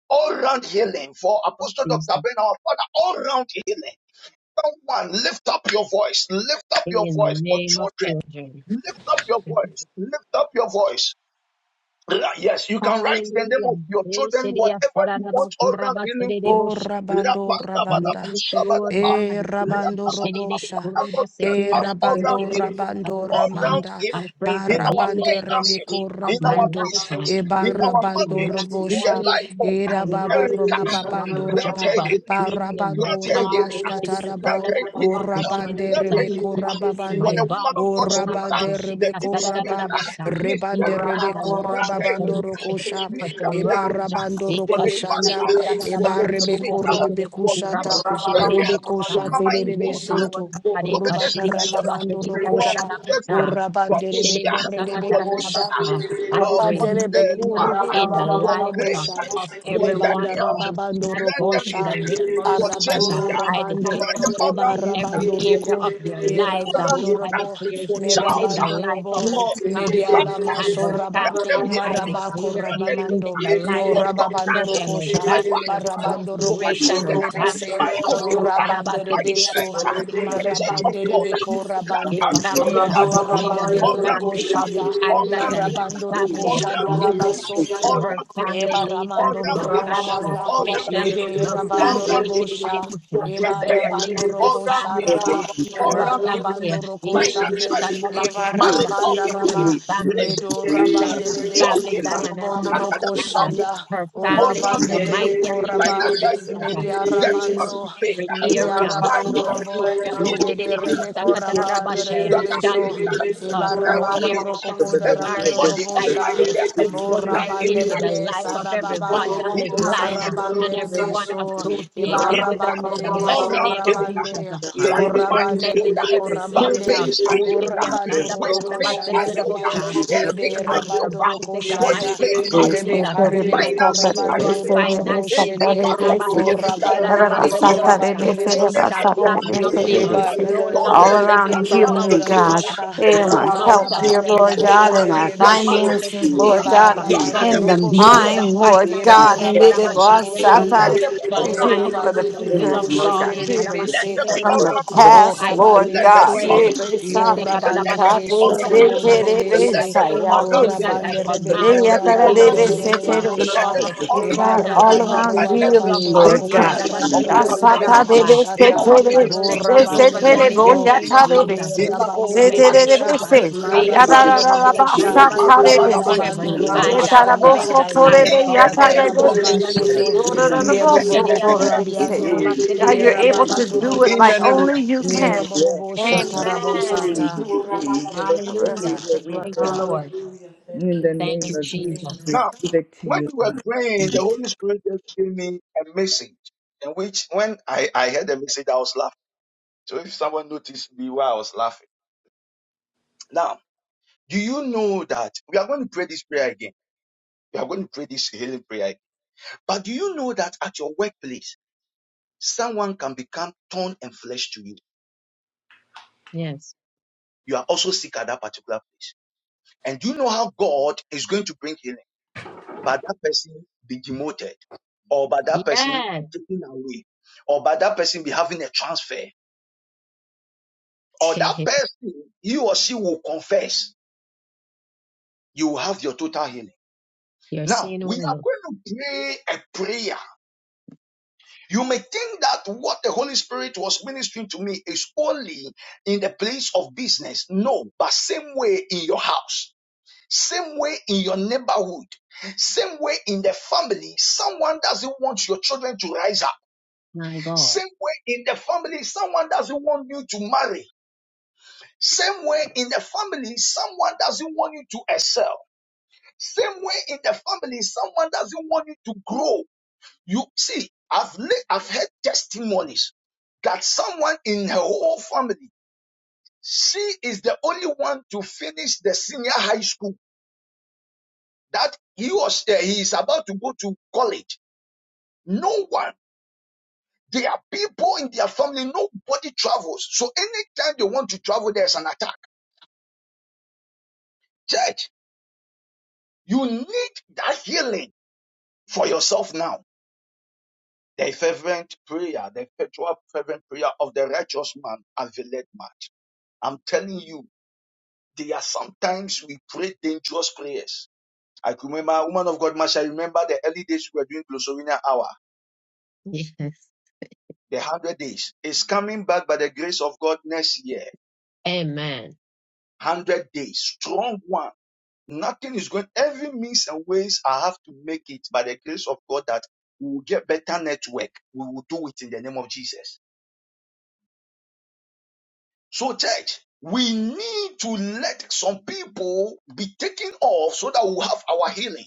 all round healing, for Apostle Dr. Ben, our father, all round healing. Someone lift up your voice, lift up your
in the
voice for
name of
children,
children.
lift up your voice, lift up your voice. Ra- Yes, you can write the name
Hallelujah.
of your children, whatever you want oral healing for.
O rabando rabanda.
Rapandabadaba,
Yes, Lord
shabadaba,
God.
E rabando
rakabadaba.
robosha.
Father, Lord, grant
E
us organ
rabando
healing
rabando
all round
ramanda.
I
healing
pray for
in our
healing
Barabande
in
you.
every
finances,
area
remiko
of
in
my
our
rabando.
life.
Father,
uh,
we
business,
pray
in
for
Healing
our
healing
in
marriage,
this
in
marriage,
the
Ebarabandorobosha,
morning.
life
healing
of
in finances,
Erica.
Erababaroma
healing on the job,
Grant
Babandoraba,
her
uh,
healing.
healing in my
Grant her
car,
healing.
healing in
Barabandorabashkataraba,
Grant her healing.
Orabande
Grant her
Rebeko
healing. For
my
Rababande,
the woman
body,
of God's
healing
need,
Orabande
the two
Rebeko
sweet
Rabba, Rebande
mystery,
in the
Rebeko
grant
lives of
her healing.
Shemai,
Rababandorokosha,
Sweet
for
grant her
Siraj,
healing. For Lady
Ekachiriya
Ebarabandorokoshanda,
Marsha, for Lady Smith,
Ebarebeko
for
Rebekushata,
Miss Carrier, for
Rebekosha
Mama
Yes,
Ingona,
Lord
Terebesento,
for
God,
Prophetess
Rubakarama
Pray
Michelle,
for
Mandorokosha,
healing
Bethlehem, for
Orabande
Bushia,
Rebeko
Rabba
for Lisa,
Rebekosha,
I
for,
pray
for
Rabandelebe
uh,
healing uh,
kuribi
Martha,
in the
for
lives of
Grace,
andarabosha.
of
for
Rebanda
everyone
Daniel,
on this
rababando
grant
platform
them
in
rokosha.
the
Thank
healing,
name of
for
Jesus.
Arabando
uh,
Jessica,
I
rabande.
declare
grant them all
Eba
healing
round
in
healing,
every
rabando
area
roko.
of their
E
lives.
all
uh,
round
rabando
healing,
I
robo.
declare
for
Me
healing
Charles,
in the
rabando
life
robo.
of
for
Miss Salva
Mediala
Xavier,
and
maso
her
raba.
grant
family.
them healing
I
Marabako
declare
nothing in
healing
ramamando.
my
in the
house,
life
No
for
of
daughter,
rababando
Carrie and her
for
rokosha.
my
family,
wife,
Miss
Marabando
for my
ropo
Grace and
shende
children,
her
lebese.
my
family,
household,
Kiriyakarabasa,
Urabande
my church,
rebeso.
Kiriyadabasa,
the church
Kiriyadabusa,
of
Marabande
God.
rebeko
Grant us
rabande.
to put that
Kikarabasa,
in
Medio
Lynn and
rabande
her
all round
roko
family,
healing,
Prophet
shada.
all
Isaac
round
and
healing,
his
Marabando roko
all
family,
round
shada
healing,
labaso.
Millicent and
all
her
round
you.
healing,
family,
Eba
Lisa
all
ramando
and
round
her
robo
healing,
family,
shada,
all round
Michelle
healing,
and
yede
her
all
rabando
round
family,
robo
healing.
sha,
For
Kiriyabusa,
eba
grandparents,
Beverly
rabando
and her
all
roko
round
family,
healing,
sharaba,
JC and
all
her
eba
round healing,
family,
rabando roko
financial
shade,
healing,
eba
Yeshiriyasanabakurabasha,
marital
ramanda
Yvonne
healing,
and her
raba,
family,
medo
relationship healing,
Brenda and
rabande
his
job
rebe,
family,
healing
Diana
robondo roko
academic
and
failure,
shanda,
her
o
all
family
round
in the
rabande
failure,
rebe
mighty and the name
koraba,
of
financial
Jesus. uh,
failure.
Media
Heal
Debt must be
Ramando,
in
paid
every
Media
for
area,
sign
Ramando
no
of
Robo,
area oh, she
healing,
did
Yede
for
it.
Rebeco Rabando
shidididibusakatarabashe,
journal
shall
Rebeso,
be
healing,
weak,
for
uh,
sign
no
of
Ibarabando
area
healing.
shall
Rococo
be
da
barren.
ralado,
uh.
Everybody
I
Robosha,
online
speak
there, that
fruitfulness
healing,
Morabande
healing,
into
de
the life
Besa
of everybody
Rababaya,
on this line uh,
healing, healing,
and
Marabande de
healing,
Thank
everyone
you.
Beso,
Hallelujah.
associated
healing,
with us
Ibarabande
in
de
the
healing, all
mighty
Beso
round
name of
healing.
Jesus.
Rabande,
uh,
Glaucoma is
Fruitfulness
Urabande de
healed.
in
Beco
every
Back
Rabande,
area.
pains are
oh, she
healed.
did it.
Urabando
Waist
Rococo
pains are
Shanda
healed.
Daba,
shididiyakandabakurabasidididibusa,
Headache
Yede
Healing
are
in their
healed.
Rabando
bodies
Roco
in the
Body
Shanda.
mighty
pains
name of
are
All
healed.
Jesus.
Rebecca
uh,
around
Rebebe
I
Finances
Speak
are
to
Corabando
our
healed.
Rolo
finances.
Any
eh,
Moshele
part of
or
healing
kurabashindi
that you
Rabandelebe
need. Your
We
children
Corabandelebes
shall
are healed.
lack
O
nothing,
Your
uh, no
granddaughters
longer
Ibadanabosha
and
living from
grandsons
mouth
healing,
are
to
healed.
God,
mouth
Catanabosha
and hand
in
Your
to
our
mouth.
health,
uh,
dear
relationship
Marabanda
In
is
the
Lord
healed.
name
God,
of
in our
Your
Jesus,
Rococondelebesho
marriage
paycheck
is
to
finances,
healed.
Lord
Eba
paycheck.
God,
uh,
Your
But
Rabando
in
we
the
academics is
speak to
healed.
the
Rocoshanda
mind, Lord
Lift
Eba
finances.
God,
up
eh,
and
your
it
Rabando
voice.
was
Yes,
Let
karabashididobosa,
Rocoshanda
them be
To
E
around
healing
you.
line up
for the
Rabande
with the will
future,
of
Lord
God.
God,
Boschende
eh,
de
healing
Let
Shendelebese
there be
from the
oral
karabashididobosa.
thank
healing.
you,
O
past,
I
Lord
Let
speak
there
God.
to
be oral
rabanderebese,
every
Hey, baby,
healing.
sickness.
yo
stop.
eh,
Let there
Stop
rabanderebe
be
this,
oral
this,
healing.
karabashididobosa.
this, this,
Let
In the
this, this,
sokrobonerebese,
there be
name of
o
oral
this,
Jesus,
this.
healing.
I
rabanderebe
command
Let
ko
you
Yeah,
there
to
be
God,
rabanda
take
oral
your
healing.
leave uh,
Let
of
rorororobosha,
there
the
be
oh,
oral
eba
children,
God,
uh,
all
rabanda
of
healing
the
around
at
roba
people
every
of
healing,
babando
side
God.
Lord
rokoko
God.
of our life,
Rasata de de
in
se
I
daradaradadadadaboshata,
our
te
speak
de
o
ministries,
de
blessings
se
over
te
them
de
grant
rabanderebe
in the
ko,
name
healings,
of
yede
Jesus.
in
se
our
rabando
se te
Open
de de
department,
robosha,
doors. uh,
grant
Favor
healings.
marabande
ba
robosha,
sa ta de
Ishdiasandabasa.
de
Rapandabadaba,
on
se
every
marabando
ye
side. uh,
ta da bo
roboshanda,
rapandabadaba.
May
so
the
to de
In
lights
de
the
fall for
merabanda
them
name
in
of
se
rababa
pleasant
soto,
Jesus.
do do
places. uh,
do do bo so
meruboboko
to se
rabiando,
God you're able to
merababando
do it
In the
like
robosha,
name of
only you
Jesus.
can
Yes,
Mirabobo
and
God.
shatarabo
Jesus,
Amen.
sata.
if you heal us
cover us
Hallelujah.
with
everywhere
your
we
blood
Thank you,
God
hurt.
Lord.
Thank
In
you.
the name
Thank you,
of
Jesus.
Jesus,
Now.
we
Amen.
give it to
When
you.
you were praying, the Holy Spirit just gave me a message in which when I, I heard the message, I was laughing. So if someone noticed me while I was laughing. Now, do you know that we are going to pray this prayer again? We are going to pray this healing prayer. again. But do you know that at your workplace, someone can become torn and flesh to you?
Yes.
You are also sick at that particular place. And do you know how God is going to bring healing? By that person be demoted, or by that person
Yes.
be taken away, or by that person be having a transfer. or that person, he or she will confess, you will have your total healing.
You're
Now,
seeing
we are
well.
going to pray a prayer. You may think that what the Holy Spirit was ministering to me is only in the place of business. No, but same way in your house, same way in your neighborhood, same way in the family, someone doesn't want your children to rise up.
My God.
Same way in the family, someone doesn't want you to marry. Same way in the family, someone doesn't want you to excel. Same way in the family, someone doesn't want you to grow. You see, I've I've heard testimonies that someone in her whole family, she is the only one to finish the senior high school. That he was uh, he is about to go to college. No one. There are people in their family. Nobody travels. So anytime they want to travel, there's an attack. Church, you need that healing for yourself now. The fervent prayer, the perpetual fervent prayer of the righteous man availeth much. I'm telling you, there are sometimes we pray dangerous prayers. I could remember, woman of God, Masha, I remember the early days we were doing Glossovina Hour,
Yes.
the 100 days. It's coming back by the grace of God next year.
Amen.
100 days, strong one. Nothing is going, every means and ways I have to make it by the grace of God that we will get better network. We will do it in the name of Jesus. So church, we some people be of so that we'll have our healing.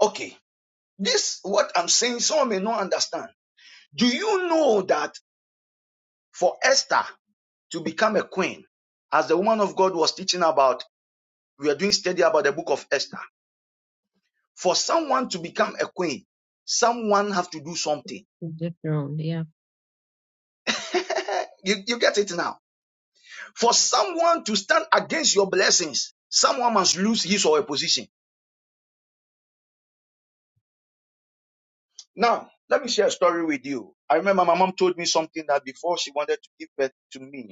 Okay, this what I'm saying, understand. Do that for Esther to become a queen, as the woman of God was teaching about, we are doing study about the book of Esther. For someone to become a queen, someone have to do something.
To the throne. Yeah.
you, you get it now. For someone to stand against your blessings, someone must lose his or her position. Now, let me share a story with you. I remember my mom told me something that before she wanted to give birth to me,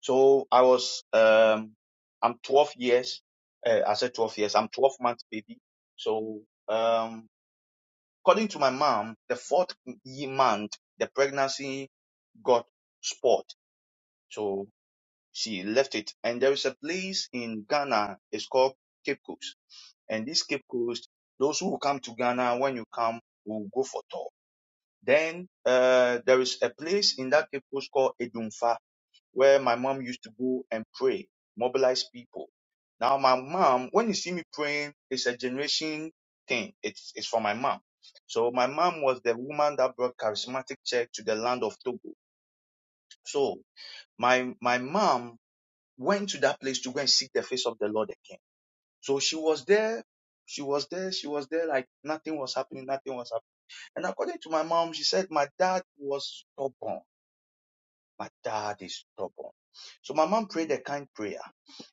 So I was, um, I'm 12 years, uh, I said 12 years, I'm 12 months baby. So, um, according to my mom, the fourth ye- month, the pregnancy got spot. So she left it. And there is a place in Ghana, it's called Cape Coast. And this Cape Coast, those who come to Ghana, when you come, will go for tour. Then, uh, there is a place in that Cape Coast called Edumfa where my mom used to go and pray, mobilize people. Now my mom, when you see me praying, it's a generation thing. It's it's for my mom. So my mom was the woman that brought charismatic church to the land of Togo. So my my mom went to that place to go and seek the face of the Lord again. So she was there, she was there, she was there, like nothing was happening, nothing was happening. And according to my mom, she said my dad was stubborn But dad is stubborn. So my mom prayed a kind prayer.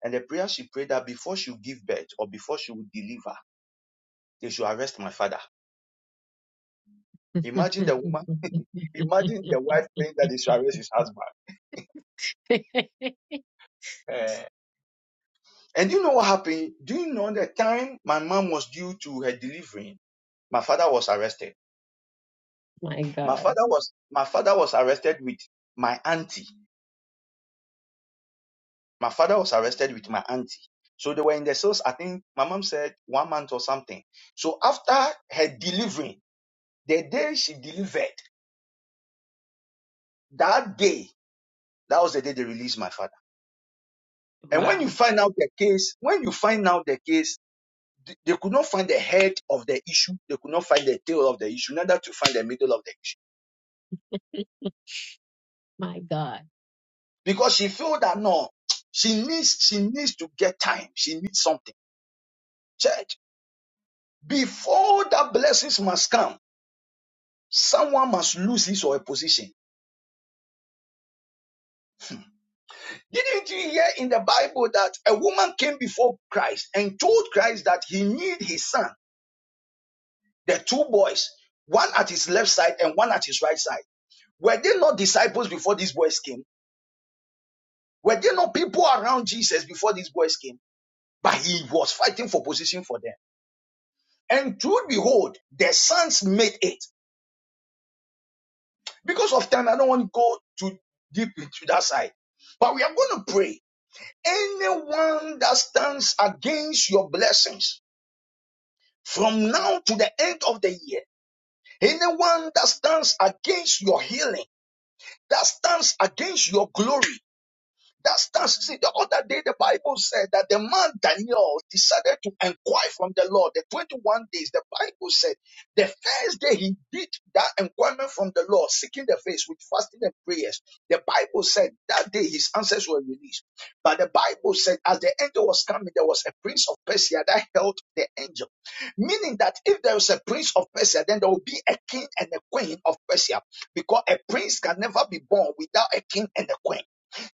And the prayer she prayed that before she would give birth or before she would deliver, they should arrest my father. Imagine the woman, imagine the wife praying that they should arrest his husband. Eh. And you know what happened? Do you know the time my mom was due to her delivering? My father was arrested.
My
My
God.
father was my father was arrested with my auntie. My father was arrested with my auntie. So they were in the cells, I think my mom said one month or something. So after her delivering, The day she delivered, that day, that was the day they released my father. And when you
Wow.
find out the case, when you find out the case, th- they could not find the head of the issue. They could not find the tail of the issue, neither to find the middle of the issue.
My God.
Because she feel that no, she needs, she needs to get time. She needs something. Church, before that blessings must come, someone must lose his or her position. Didn't you hear in the Bible that a woman came before Christ and told Christ that he need his son? the two boys, one at his left side and one at his right side, were they not disciples before these boys came? Were they not people around Jesus before these boys came? But he was fighting for position for them. And truth behold, the sons made it. Because of time, I don't want to go too deep into that side. But we are going to pray. Anyone that stands against your blessings from now to the end of the year, anyone that stands against your healing, that stands against your glory, That's that's see the other day the Bible said that the man Daniel decided to inquire from the Lord. The 21 days, the Bible said the first day he did that inquirement from the Lord, seeking the face with fasting and prayers. The Bible said that day his answers were released. But the Bible said as the angel was coming, there was a prince of Persia that held the angel. Meaning that if there is a prince of Persia, then there will be a king and a queen of Persia. Because a prince can never be born without a king and a queen.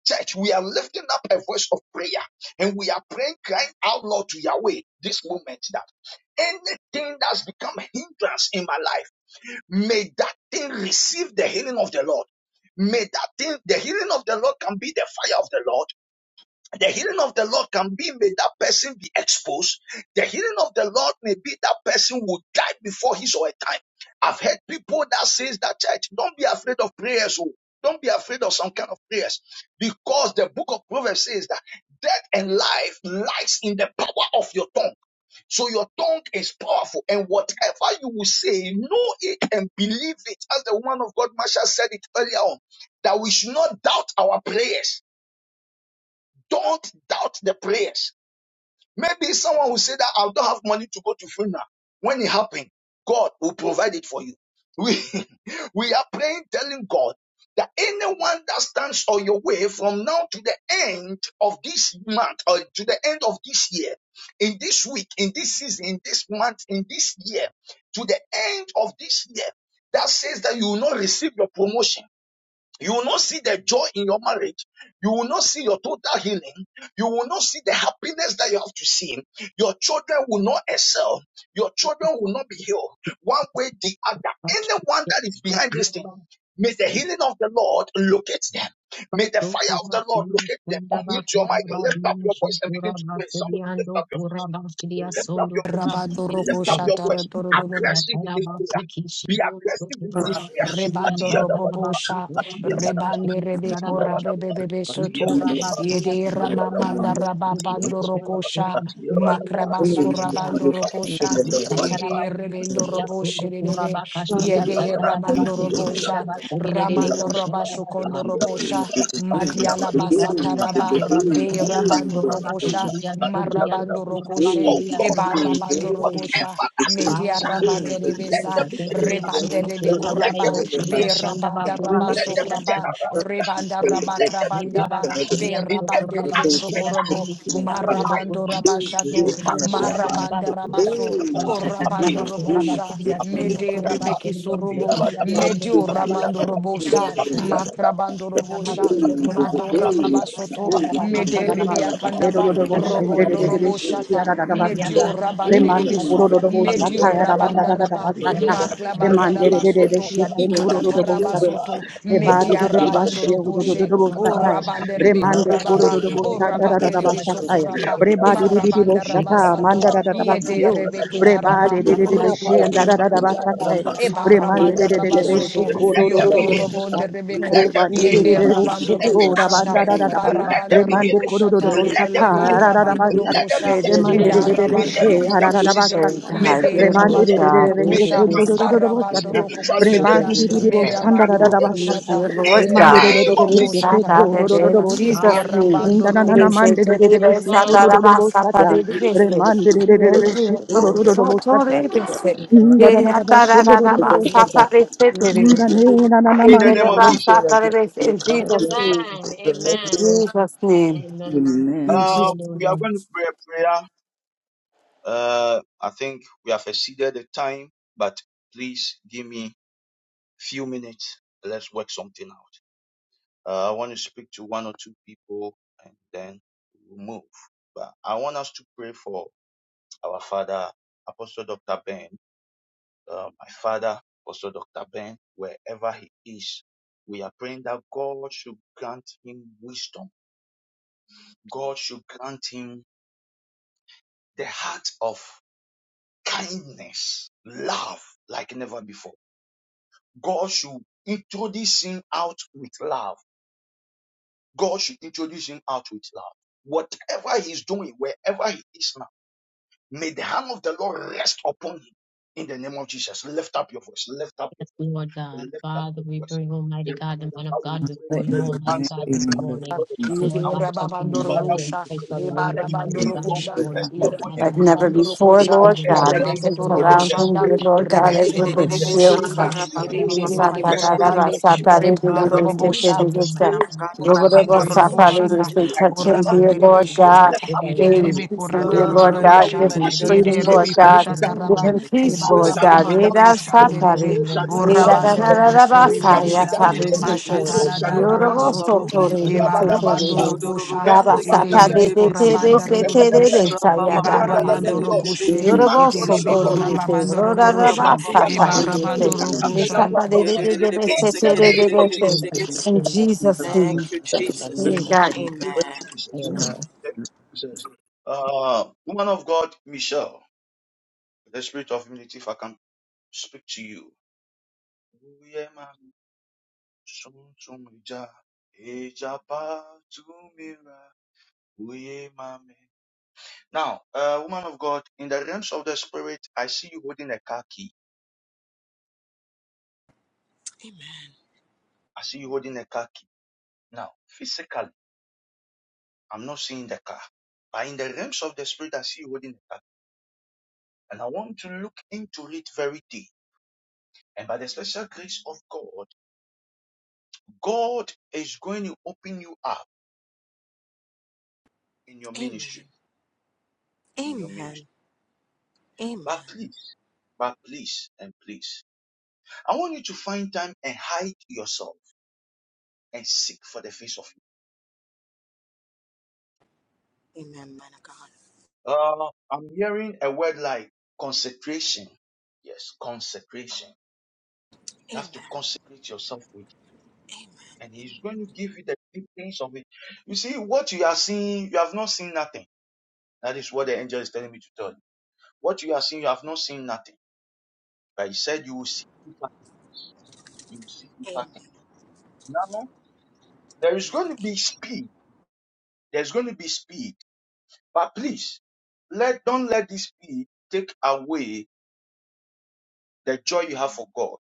Church, we are lifting up a voice of prayer and we are praying, crying out loud to Yahweh this moment that anything that's become a hindrance in my life, may that thing receive the healing of the Lord. May that thing, the healing of the Lord can be the fire of the Lord the healing of the Lord can be made that person be exposed. The healing of the Lord may be that person will die before his or her time. I've heard people that says that church, don't be afraid of prayers. oh. Don't be afraid of some kind of prayers. Because the book of Proverbs says that death and life lies in the power of your tongue. So your tongue is powerful. And whatever you will say, know it and believe it. As the woman of God, Marsha said it earlier on, that we should not doubt our prayers. Don't doubt the prayers Maybe someone will say that I don't have money to go to funeral. When it happens, God will provide it for you. We, we are praying, telling God that anyone that stands on your way from now to the end of this month or to the end of this year, in this week, in this season, in this month, in this year, to the end of this year, that says that you will not receive your promotion you will not see the joy in your marriage. You will not see your total healing. You will not see the happiness that you have to see. Your children will not excel. Your children will not be healed one way, the other. Anyone that is behind this thing, may the healing of the Lord locate them. May the fire of the Lord locate them. Unmute your mic. Lift up your voice and begin to pray. Somebody lift up your voice. Lift up your voice.
Rabandoroko
Lift up your voice. Be
Kurabakashiriya,
shatarabo.
aggressive in this prayer. Be aggressive in this prayer. Atiya da
Rebandorobobo sha.
Atiya ba
Rebande rebeko
Atiya
Sekiando,
ba
rabebebebe
Atiya
soto.
ba
Yede
Atiya ba
ramamanda
Atiya ba
rababandoroko sha.
Atiya ba
Makramasko
Atiya ba
rabandoroko sha.
Atiya ba
Yede
Atiya ba
rebendorobo shedebe.
Kurabakashiriya,
Atiya
Yede
ba Atiya ba
ramandorobo sha.
Atiya ba
Ramandoroba
Atiya
shukondorobo
ba
sha. Madiala basataraba.
Atiya ba Atiya ba
Be
Atiya
rabandoroko sha.
ba
Marabando Rokoshe,
Oh God.
Seredere,
Ebarabando
Seredesa,
Rokosha,
Whatever that's
Father,
Media
in
concerned,
the
Rabande
name of
let
Rebesa,
there
Jesus,
be
Ekiria
deliverance.
Rebande
Sundo Kuraba
Let there
Rebekoraba,
Daibo
be
Shiria
liberation.
Sandaba
Berabanda
Kuraba
Let there be
Shiria
Rabasokraba,
Sun,
turnaround.
Rebanda
Let there be
Rabakrabandaba,
Ekaraba Sidian
in every
Berabande
Soturaba
aspect
Kushiria
Rebesokorobo,
Sendi
of
Kiria
our
Sando
life.
Marabando
Kuraba
Rabashato,
Sidia
Lipandiyaba,
Marabanda
Shadarabasi,
Rabaso.
apriyabadaba,
Orabando
Ushataraba
apriyabadaba,
Kuraba
Robosha,
Sidia Sundo
Mede
Kuraba
apriyabadaba,
Rebeki
Shiria
Surubo,
Sekiria
apriyabadaba,
Sundo
Medio
Thank you.
Kuraba
Ramando
apriyabadaba,
Shiria
Robosha,
Siata.
apriyabadaba,
Makrabando Robosha,
Adabasundo
apriyabadaba,
Kuraba
Madora
Kashiria
Remande
Babasoto,
apriyabadaba,
Sandaraba Kushiria
Mederibia
Sendi
apriyabadaba,
Kandaba,
Kiria
apriyabadaba,
Robondo
Sadarabashu.
Robo Shata,
Diria
Medio
santa pura baja,
Yabadaba,
Rabanderebeso,
diria tene,
Medio
diria
Abiyabadaba,
santo pura
Rabandaraba,
de caramba,
Abiyabadaba,
roche diria
Maklabandaraba
sene,
Soto,
diria
Abiyabadaba,
nascene de
Ikakataraba
bebesta.
Abiyabadaba,
Soto,
Rapa
Media
tana
Abiyabadaba,
basi
Rabando
Abiyabadaba, Abiyabadaba,
kitia,
Rokoshe,
pura
O
baja, diria
Rabanderebe
santa,
Abiyabadaba,
Korababa,
diria
Abiyabadaba,
O
santo pura
Rabanderebe
baja, diria
Sokoraba,
tene.
Marabandaraba
Dikarra
Abiyabadaba,
Sato,
basi no
Abiyabadaba,
pura
Yede
baja,
Abiyabadaba,
diria
Rebeketaraba,
santa, tana basi
Abiyabadaba,
diria
Rokokoto
sene, diria
Hey,
Rokoshanda,
santo
Abiyabadaba.
pura
Eba
baja,
dear Lord,
diria
Rabandaraba
pura baja,
Soto,
diria
Let
besta.
there be
Yodo
healing. Let
Robonderebeko,
there be
Remande de de
Yede
healing
de
Dikarra
de
in
Rabando
basi
every
sheto
diria
da
Rokoshata,
banda da
aspect.
da
santa,
da ba.
tana
Let there
barabanda
be
Remande
healing.
koro do do
rabushata
bo
Let
sata
there be
ara
healing.
da da
lebakrabando
banda da.
Let there be
rokosha
very
Remande
testimony.
de de de de
May they
edarabanda
she
lose their
ara da da ba
rokokoshe
position.
de
sanda da.
May
high,
they be
yede
dear
Remande
Lord
de
demoted.
rabando
de de de
God,
de
we
May
she
they
do
Hallelujah.
rokokosha
kendo
come
this
do do do
down.
do bo
arabando
So
sata.
Spiritually, may
thank
they
Remande
rokokoshanda
you,
de
lose.
de
Jesus.
de bo
Thank
sanda da
Physically,
merabando
da
may
da
they
ba
you,
lose.
shata.
rokoshata
In
Lord
the
Remande
God.
de de
merabando
de de
name of
de
You
she
Jesus.
shout
rokoshata
keto
out
do
that
do do do
in
rabosata
bo sata.
Jesus' name.
merabando
Ninda na na
They
na
say
mande de de
today
de de
they
she
shout
kondo
out
do do
about
bo
Sata
sata.
de Bese.
Remande de de de de de she to do do do do
So
bo
to
sata.
the Bese.
Mm, Da da da
Yeah,
da ba
da
she
da
do
da
do
da
do do
ba
bo sata.
Sata de
Mm, da ne na na na
In the
mande
name of Jesus.
Bese. In
Amen.
Jesus' name. In
Amen.
Jesus'
Amen.
name.
Amen.
Amen.
In
Uh,
Jesus' name
we
Hallelujah.
are going to pray a prayer. Uh, I think we have exceeded the time, but please give me few minutes. Let's work something out. Uh, I want to speak to one or two people and then we'll move. But I want us to pray for our father, Apostle Dr. Ben, uh, my father, Apostle Dr. Ben, wherever he is. We are praying that God should grant him wisdom. God should grant him the heart of kindness, love like never before. God should introduce him out with love. God should introduce him out with love. Whatever he's doing, wherever he is now May the hand of the Lord rest upon him in the name of Jesus. Lift, lift up.
Yes, Lord God.
Lift up
Father,
your
we
voice.
bring
We
Almighty
pray
God, the man of God, before
Let in
for
you,
your
the
man
Almighty
mighty
God, this
servant,
name
after
of
the
morning.
Lord that Apostle Dr.
Jesus,
Lord, by
Yedera
Tabernacle.
touching in a
babandoro
Father,
mighty
we
and
dosha,
declare
special
that
way,
ebara
let your
Almighty
bandoro
wisdom
God,
amen. For
kosha,
be
before
God
you
that
rest
we
you
yera
upon
can,
forgive
him.
like
Almighty
never
The
babandoro
God,
before,
spirit
kosha,
of
Lord
even in
God. That
heart,
you
rebeke
can
excellency,
toro
given
Almighty
surround
the
God,
him,
koshanda,
dear
spirit
what
of
to
Lord
be
God,
your
rebebe
as
wisdom,
holy,
with your
korobo
the
Almighty
shield,
spirit
boshende,
God,
of
Father.
in front the
ebebe
Touch him,
liberation,
Holy
rebebe
the
West,
spirit of
korabande,
we can
love,
see
rebanda
the
and
robo
fulfill,
things
bosha,
of
in
the
Almighty
spirit
God,
be
this
seen
powerful, Almighty
around him
Orabandoroboshata,
God, present,
like
not
never
dear
Almighty
before.
Lord
God,
Orabanderebeshetu,
God.
Lift
with
up
the
your
love
Hey,
of
voice.
this
release
pure,
Itelebekura
him,
Pray
dear
this
Almighty
Lord
prayer
God.
God,
with
Give
we
Rodorobosha,
him
love
passion.
that is
freedom,
not
So
Lord
shall
God.
it be
Yederebikushata
equal
done
and
Give
unto
Raba,
full
him
of
you.
the
peace,
So
Lord
shall
Almighty
it
God.
Ibarabando
be
God.
done
Reda
unto
And
you
so we gave
so
satari.
Rokoshanderebe,
him more
shall it
money
be
to
done
Reda
God,
da
unto
more
da
you,
da
Orabanderebe
da
wisdom,
so
and
shall
more
it be
to
basaya
Soribikisa,
done
God with
sabi
unto
the
you,
street
sete.
of
so
Mashatala
shall it be done
Yorobo
Sandaramaster.
unto
Daramasoto,
you.
And
soto
the thing
rebe
that we
sete
felt in
Ibarabando
Rabadabasha,
the
rebe.
name of God
Rokosha,
has
Rabba
been
Ivendo
just
sata
Batende,
coming
de
up
de
with
de
Ederebekura
you
de be
won't
Banda
Imam
know what
sete
we
rebe
Rodoroboshe.
make
Bedadabes,
in the
saya da
master's
da
name
Ibarabando
of
se.
Ibrandadabendos,
Jesus.
Be
Rokoshe,
the
through
What's in
Yoroboso
your
tori
home
Todadabos,
Itelebekura
de
and I
se,
will
shodorobos
Babando
rora
kora
Rodobosha,
ba
listen
ba
to the
rabasa
your
ba ba ba
prayer,
Lepandiabas,
tari
ya.
de se,
Ibarabando
confess, love him, but the
Rokoshan.
Ishata de
God
de
Rakambedablandos.
calls
de
us
de
to
de
see
Yedidididibis,
se,
In
to
te
the
you
de de
name
are
de
of
se.
Jesus.
in
sekedidididididididis.
In
everything that he
Jesus'
does.
name,
Thank you,
In the
Jesus.
Dear
name of
God.
Jesus.
Thank you,
Amen.
Jesus.
Amen.
Thank you, Jesus. Uh, woman of God, Michelle, the spirit of humility, if I can speak to you. Now, uh, woman of God, in the realms of the spirit, I see you holding a car key. I see you holding a car key. Now, physically, I'm not seeing the car, but in the realms of the spirit, I see you holding a car. And I want to look into it very deep. And by the special grace of God, God is going to open you up in your
Amen.
ministry, in your
Amen.
ministry. But
Amen.
please, but please, and please. I want you to find time and hide yourself and seek for the face of
Amen, man of God.
you. Uh, I'm hearing a word like consecration. Yes, consecration. You
Amen.
have to consecrate yourself with, and He's going to give you the details of it. You see, what you are seeing, you have not seen nothing. That is what the angel is telling me to tell you. What you are seeing, you have not seen nothing. But He said you will see deeper. You will see deeper things. There is going to be speed. There's going to be speed. But please, let don't let this speed take away The joy you have for God,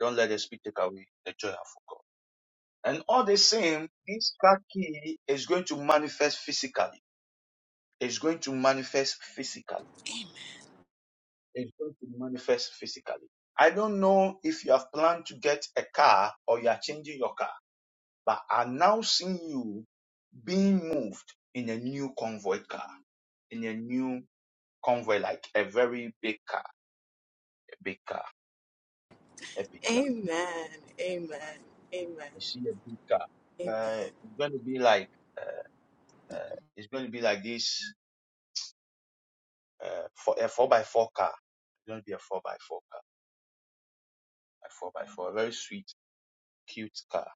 don't let the spirit take away the joy you have for God. And all the same, this key is going to manifest physically. It's going to manifest physically. It's going to manifest physically. I don't know if you have planned to get a car or you are changing your car, but I'm now seeing you being moved in a new convoy car, in a new convoy, like a very big car, a big car, a big car.
Amen. Amen. Amen.
I see a big car.
Amen.
Uh, it's going to be like Uh, it's going to be like this uh, for a four by four car. It's going to be a four by four car, a four by four, a very sweet, cute car.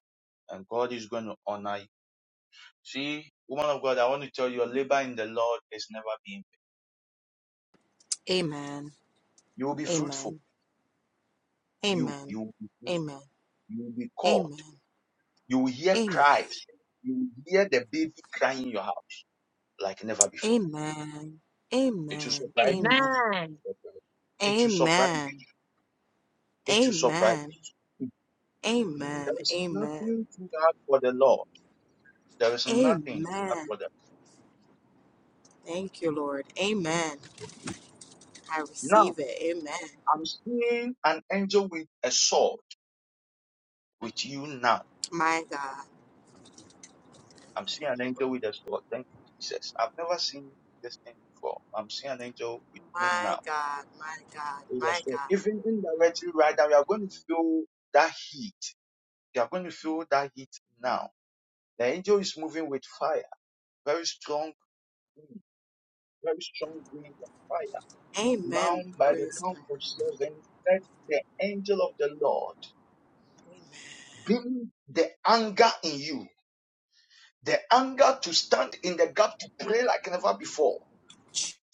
And God is going to honor you. See, woman of God, I want to tell you, your labor in the Lord is never being. vain. You will be fruitful.
Amen.
You, you will be fruitful. You will be
Amen.
called. You will hear cries. You will hear the baby crying in your house like never before. It will surprise
Amen.
you. It will surprise. you. It will surprise. you. There is nothing too hard for the Lord. There is nothing too hard
Amen.
for them.
Thank you, Lord. Amen. I
Now,
receive it. Amen.
I'm seeing an angel with a sword with you now.
My God.
I'm seeing an angel with a sword. Thank you, Jesus. I've never seen this thing before. I'm seeing an angel with you
My
now.
God. My God.
With a
My
sword.
God.
Even indirectly right now, you are going to feel that heat. You are going to feel that heat now. The angel is moving with fire. Very strong, very strong wind and fire. Now, by the count of seven, let the angel of the Lord bring the anger in you the anger to stand in the gap to pray like never before,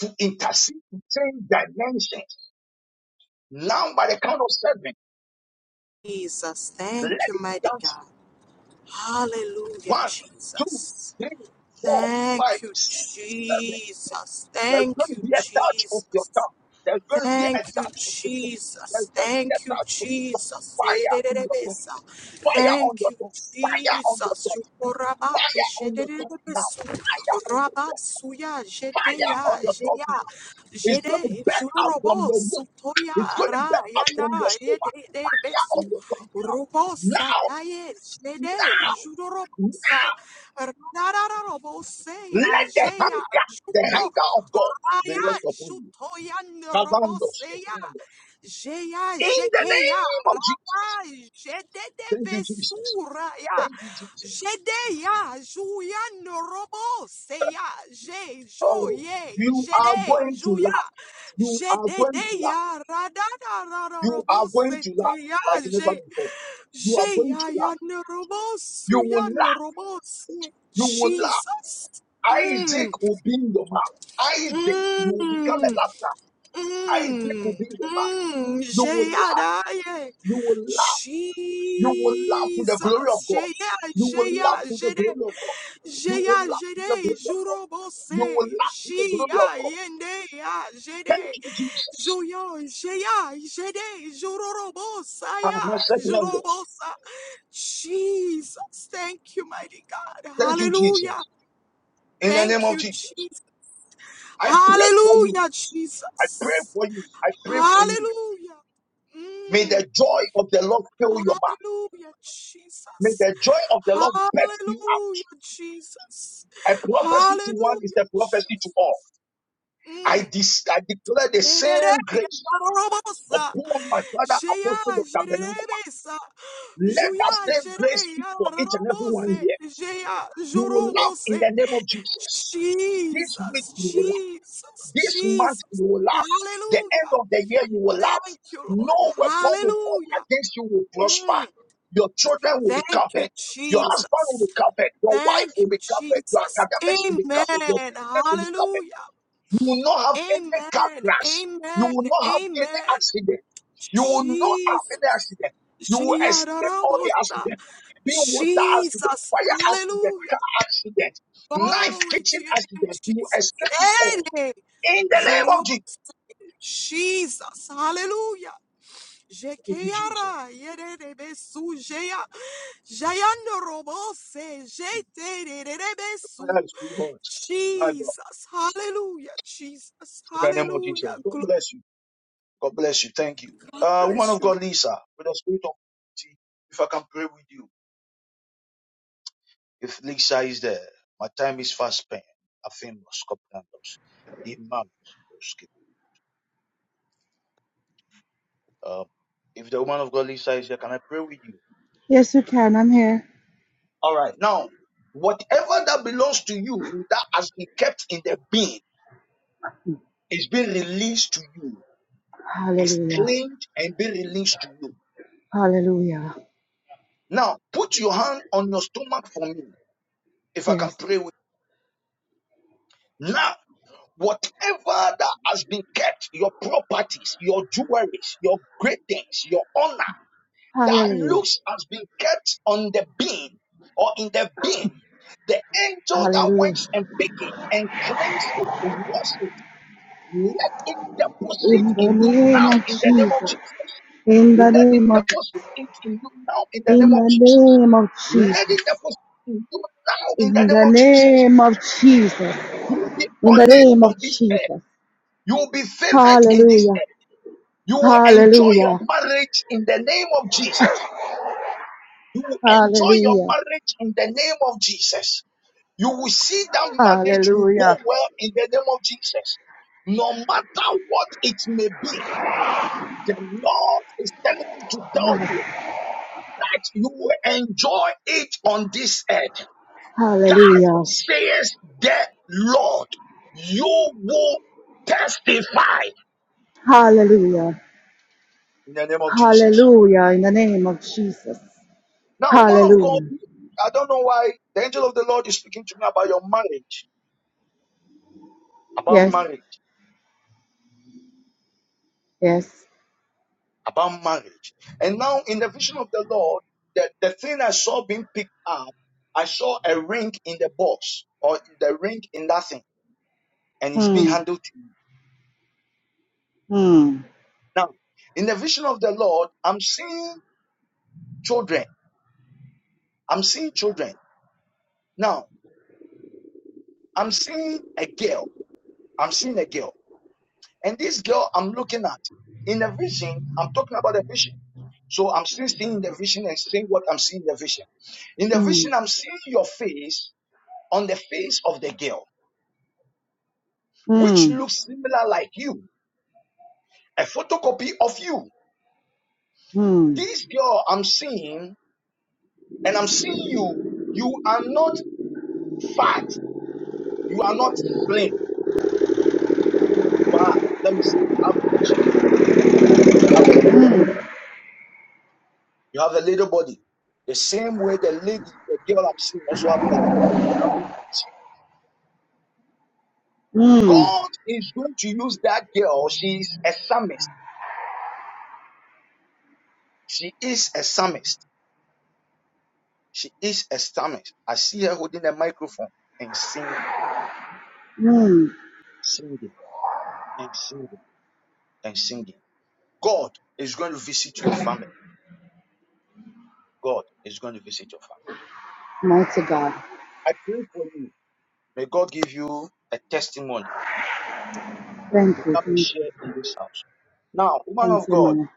to intercede, to change dimensions. Now, by the count of seven,
Jesus.
let
Thank you,
it be
mighty
done.
God. Hallelujah,
One, two,
Jesus.
three, four, five,
Thank you,
six, seven.
Jesus.
There's
Thank
going to
you,
be a touch of
Jesus.
your tongue. There's going to be a
Thank you,
touch of your tongue. There's
Jesus.
going to be a
Thank you,
touch of your tongue.
Jesus.
Fire in your tongue.
Yedididibeso.
Fire on
Thank
your
you,
tongue. Fire on your
Jesus.
tongue.
Yukorabake
Fire on your tongue now.
shedididibeso.
Fire on your tongue.
Rabasuya
Fire on
jedeya
your
jeya
tongue It's going to
jede
back out from
jurobo
your womb.
sutoya
It's going to
ra
back out
yanda
from your stomach,
yede
yeah,
besu
on your tongue now.
robosa
Now,
taye jede
now,
jurorobosa rarararobose
let the
jeya
hunger, the
juko
hunger of God be
Aya,
rest upon you.
Shutoyan
Kavandos,
Roboseya,
Epirandos.
Jeya,
In the
Jekeya,
name of
Rama,
Jesus.
Jedede
Thank you, Jesus.
Vesuraya,
Thank you, Jesus.
Jedeya, Juyan Roboseya, Je,
Oh,
Joye,
you are
Jede,
going to
Juya,
laugh. You are going to laugh.
Jededeya, Radada,
You are going to laugh
Roboseteya,
like never
Je,
before. You are going
Jeya,
to laugh.
Yan
You will
Robosuyan
laugh.
Robose,
You will laugh.
Jesus.
Isaac
Mm,
will be in your mouth. Isaac, you will become a
mm.
laughter. Isaac will
Mm,
be in your mouth.
mm,
You will laugh.
Jeyadaye.
You will laugh.
Jesus,
You will laugh to the glory of God.
Jeya,
You will laugh
Jeya,
to the
Jede,
glory of God. You will
Jeya,
laugh to the
Jede,
glory of God. You
Jurobose,
will laugh to the glory of
Jia,
God.
Yende, Ya, Jede,
Thank you, Jesus.
Joyo, Jeya, Jede, Jurorobosa,
Ah,
Ya,
my second language.
Jurobosa. Jesus, thank you, mighty God.
Thank you,
Hallelujah.
Jesus.
Thank you,
Jesus.
Jesus.
I pray for you.
Hallelujah,
I pray
Jesus.
for you. I pray for you.
Hallelujah.
May
Mm.
the joy of the Lord fill your mouth.
Hallelujah,
May
Jesus.
the joy of the Lord bet you out.
Hallelujah, Jesus.
A prophecy to one is
Hallelujah,
the prophecy to
Jesus.
all. I,
Mm.
dis- I declare the
Mehere,
same grace
yarorobosa.
upon my father,
Jeya,
Apostle Dr. Benankuma.
jererebesa.
Let that
Juya,
same grace speak
jereya,
for each and every one
rarobose.
here.
Jeya,
You will laugh in
jorobose.
the name of Jesus. This week
Jesus,
you will laugh.
Jesus,
This month
Jesus.
you will laugh. The end
Hallelujah.
of the year you will laugh.
Thank you,
No
Lord.
weapon will form
Hallelujah.
against you will prosper.
Mm,
Your children will be
thank you,
covered. Your husband will
Jesus.
be covered. Your wife
Thank
will
you,
be covered. Your
Jesus.
academics will be
Amen.
covered. Your business will be covered.
Hallelujah.
You will not have any car
Amen.
crash. You
Amen.
will not have any
Amen.
accident. You will not have any
Jesus.
accident. You will escape all the
Jiyararabosa.
accidents: Being water accident,
Jesus.
fire accident, car
Hallelujah.
accident, knife
Glory
kitchen
to your name,
accident. You will
Jesus.
escape it all.
Amen.
In the name of Jesus.
Jorobosa. Jesus. Hallelujah.
Thank you, Jesus.
Jekeyara, yererebesu, jeya, jayando robose, jetererebesu.
Prayer is too hot. My God.
Jesus, hallelujah, Jesus,
In the name of Jesus.
hallelujah.
God bless you. God bless you. Thank you.
God
Uh, woman
bless
of
you.
God, Lisa, with the spirit of humility, if I can pray with you. If Lisa is there, my time is fast spent. I think Scotlandos. Imam. Um, if the woman of God Lisa is here, can I pray with you?
Yes, you can. I'm here.
Right. Now, whatever that belongs to you that has been kept in the bin is being released to you. It's
Hallelujah.
cleaned and being released to you.
Hallelujah.
Now, put your hand on your stomach for me if I can
Yes.
pray with you. Now, whatever that has been kept, your properties, your jewelries, your great things, your honor, that
Hallelujah.
looks has been kept on the beam or in the beam. The angel that went
Hallelujah.
and picked it and cleansed it, washed it, let it deposit
In the
in you
name
now
of
in the name of
Jesus.
Jesus.
In the
Let it
name of
deposit it in you now in the name
in
of
the
Jesus.
name of
Let
Jesus.
it deposit in you now in the
In
name
the
of Jesus.
name of Jesus.
You will be
In the
honored
name of
on this earth.
Jesus.
You will be favored in this
Hallelujah.
earth. You will enjoy your
Hallelujah.
marriage in the name of Jesus. You will enjoy your
Hallelujah.
marriage in the name of Jesus. You will see that marriage will
Hallelujah.
go well in the name of Jesus. No matter what it may be, the Lord is telling me to tell you that you will enjoy it on this earth. God
Hallelujah.
says the Lord, you will testify
Hallelujah.
in the name of Jesus.
Hallelujah. In the name of Jesus.
Now, woman of God,
Hallelujah.
I don't know why the angel of the Lord is speaking to me about your marriage, about
Yes.
marriage.
Yes.
about marriage. And now in the vision of the Lord, the, the thing I saw being picked up, I saw a ring in the box or the ring in that thing and it's being
Hmm.
handled to you.
Hmm.
Now, in the vision of the Lord, I'm seeing children. I'm seeing children. Now, I'm seeing a girl. I'm seeing a girl. And this girl I'm looking at in the vision, I'm talking about the vision. So I'm still seeing the vision and seeing what I'm seeing in the vision. In the
Hmm.
vision, I'm seeing your face on the face of the girl. which
Hmm.
looks similar like you, a photocopy of you.
Hmm.
This girl I'm seeing, and I'm seeing you, you are not fat, you are not slim. You are, let me say, average. have a little body. You have a little body. The same way the lady, the girl I'm seeing also have a little body. having a chin.
Hmm.
God is going to use that girl. She is a psalmist. She is a psalmist. She is a psalmist. I see her holding a microphone and singing,
Hmm.
singing, and singing and singing. God is going to visit your family. God is going to visit your family.
Mighty God.
I pray for you. May God give you a testimony that you
Thank you.
become a
Thank you.
share in this house. Now, woman
Thank
of
you,
God,
man.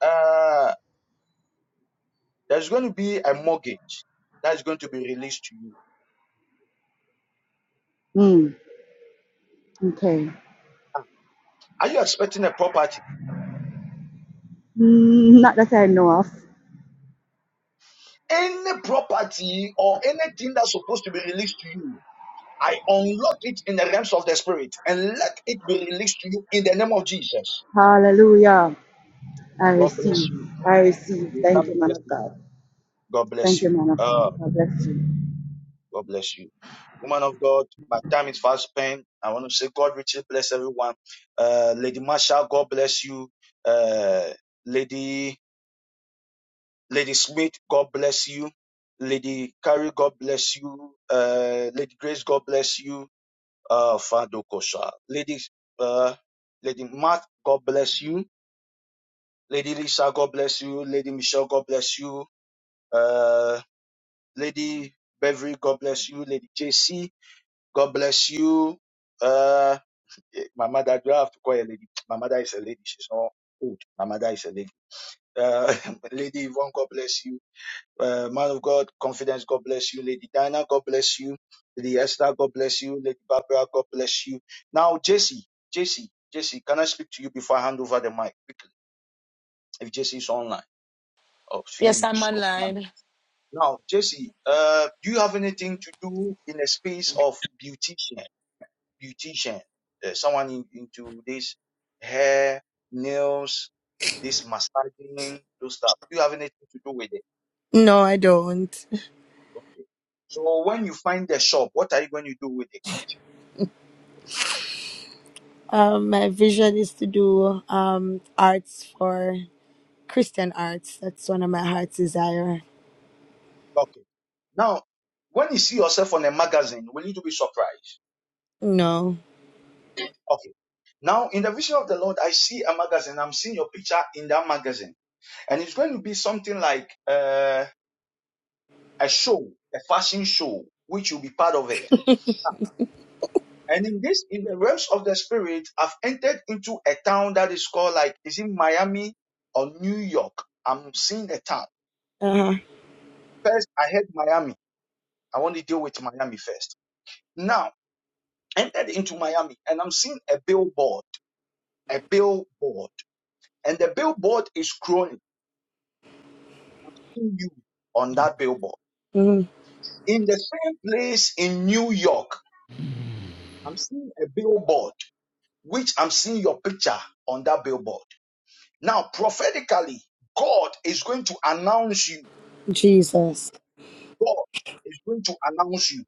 uh, there's going to be a mortgage that is going to be released to you.
Hmm. Okay.
Are you expecting a property?
Mm, not that I know of.
Any property or anything that's supposed to be released to you, I unlock it in the realms of the spirit and let it be released to you in the name of Jesus.
Hallelujah. I
God bless
receive.
you.
I receive.
You
Thank
come
you,
and
man of
testify.
God.
God bless
Thank you,
you.
man of
Uh,
God. God bless you.
God bless you. Woman of God, my time is fast spent. I want to say God richly bless everyone. Uh, Lady Marshall, God bless you. Uh, Lady Lady Smith, God bless you. Lady Carrie, God bless you. Uh, Lady Grace, God bless you. Uh, Fado Kosha. Lady, uh, Lady Matt, God bless you. Lady Lisa, God bless you. Lady Michelle, God bless you. Uh, Lady Beverly, God bless you. Lady JC, God bless you. Uh, eh, Mama Dad, you have to call her lady. Mama Dad is a lady. She's not old. Mama Dad is a lady. Uh, Lady Yvonne, God bless you. Uh, man of God, confidence, God bless you. Lady Diana, God bless you. Lady Esther, God bless you. Lady Barbara, God bless you. Now, Jesse, Jesse, Jesse, can I speak to you before I hand over the mic quickly? If Jesse is online, or if he
Yes, I'm
must go.
online.
Now, Jesse, uh, do you have anything to do in the space of beautician? beautician, uh, someone in, into this hair, nails, this massaging, those stuff. Do you have anything to do with it?
No, I don't.
So when you find the shop, what are you going to do with it?
Um, my vision is to do um, arts for Christian arts. That's one of my heart's desire.
Okay. Now, when you see yourself on a magazine, will you to be surprised?
No.
Okay. Now, in the vision of the Lord, I see a magazine. I'm seeing your picture in that magazine. And it's going to be something like uh, a show, a fashion show, which you'll be part of it And in this, in the realms of the spirit, I've entered into a town that is called like, is in Miami or New York? I'm seeing a town.
Uh-huh.
First, I heard Miami. I want to deal with Miami first. Now, entered into Miami and I'm seeing a billboard, a billboard. And the billboard is crawling in you on that billboard.
hmm
In the same place in New York, I'm seeing a billboard, which I'm seeing your picture on that billboard. Now, prophetically, God is going to announce you.
Jesus.
God is going to announce you.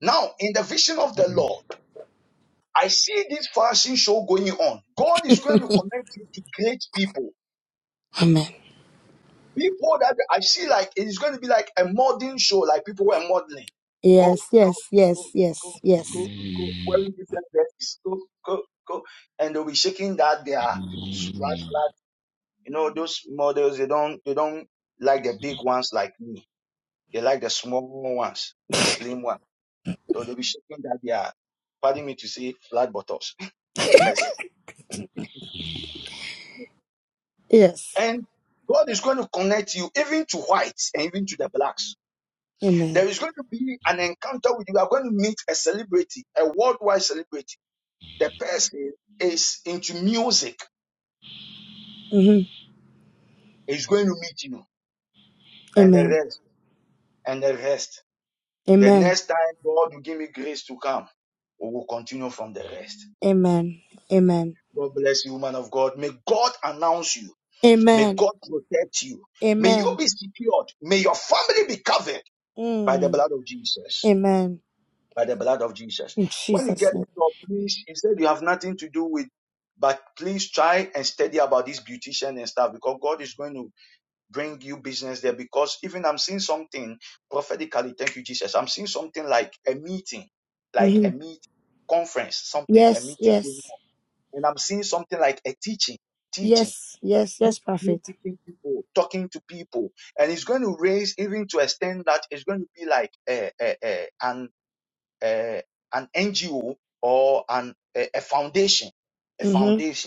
Now, in the vision of the Lord, I see this fasting show going on. God is going to connect you to great people.
Amen.
People that I see like it is going to be like a modeling show, like people who are modeling. Go,
Yes,
go,
yes, yes,
go, go,
yes, yes,
go, go, wearing different dresses. Go, go, go. And they'll be shaking that their striped flag. You know, those models, they don't they don't like the big ones like me. They like the small ones, the slim ones. So they'll be shaking that they are, pardon me to say, flat buttocks. Mercy.
yes.
And God is going to connect you even to whites and even to the blacks. There
Amen.
is going to be an encounter with you. You are going to meet a celebrity, a worldwide celebrity. The person is into music.
hmm
He's going to meet you and the
Amen.
rest and the rest. The
Amen.
next time God will give me grace to come, we will continue from the rest.
Amen. Amen.
God bless you, man of God. May God announce you. May
Amen.
God protect you. May you
Amen.
be secured. May your family be covered by the
Mm.
blood of Jesus.
Amen.
By the blood of Jesus.
In
When you get
Jesus'
a
name.
job, please, instead you have nothing to do with, but please try and study about this beautician and stuff because God is going to bring you business there. Because even I'm seeing something prophetically, thank you, Jesus. I'm seeing something like a meeting, like
hmm
a meet conference, something, a
Yes,
meeting going
yes,
on. And I'm seeing something like a teaching, teaching
yes, yes,
you
yes,
you
prophet.
teaching people, talking to people, and it's going to raise even to extend that it's going to be like a, a, a, an a, an NGO or an a, a foundation, a
hmm
foundation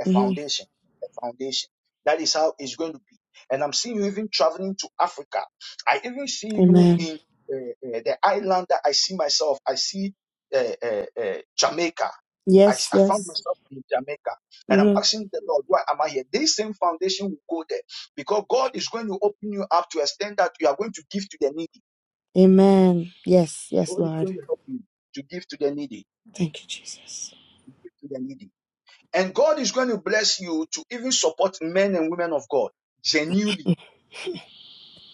a
hmm
foundation, a foundation. That is how it's going to be. And I'm seeing you even traveling to Africa. I even see you
Amen.
in uh, uh, the island that I see myself. I see uh, uh, uh, Jamaica. I,
Yes,
s- I found
yes.
myself in Jamaica. And I'm
hmm
asking the Lord, why am I here? This same foundation will go there because God is going to open you up to a extend that you are going to give to the needy.
Amen. Yes, yes,
God is
Lord.
going to help you to give to the needy.
Thank you, Jesus.
And God is going to bless you to even support men and women of God genuinely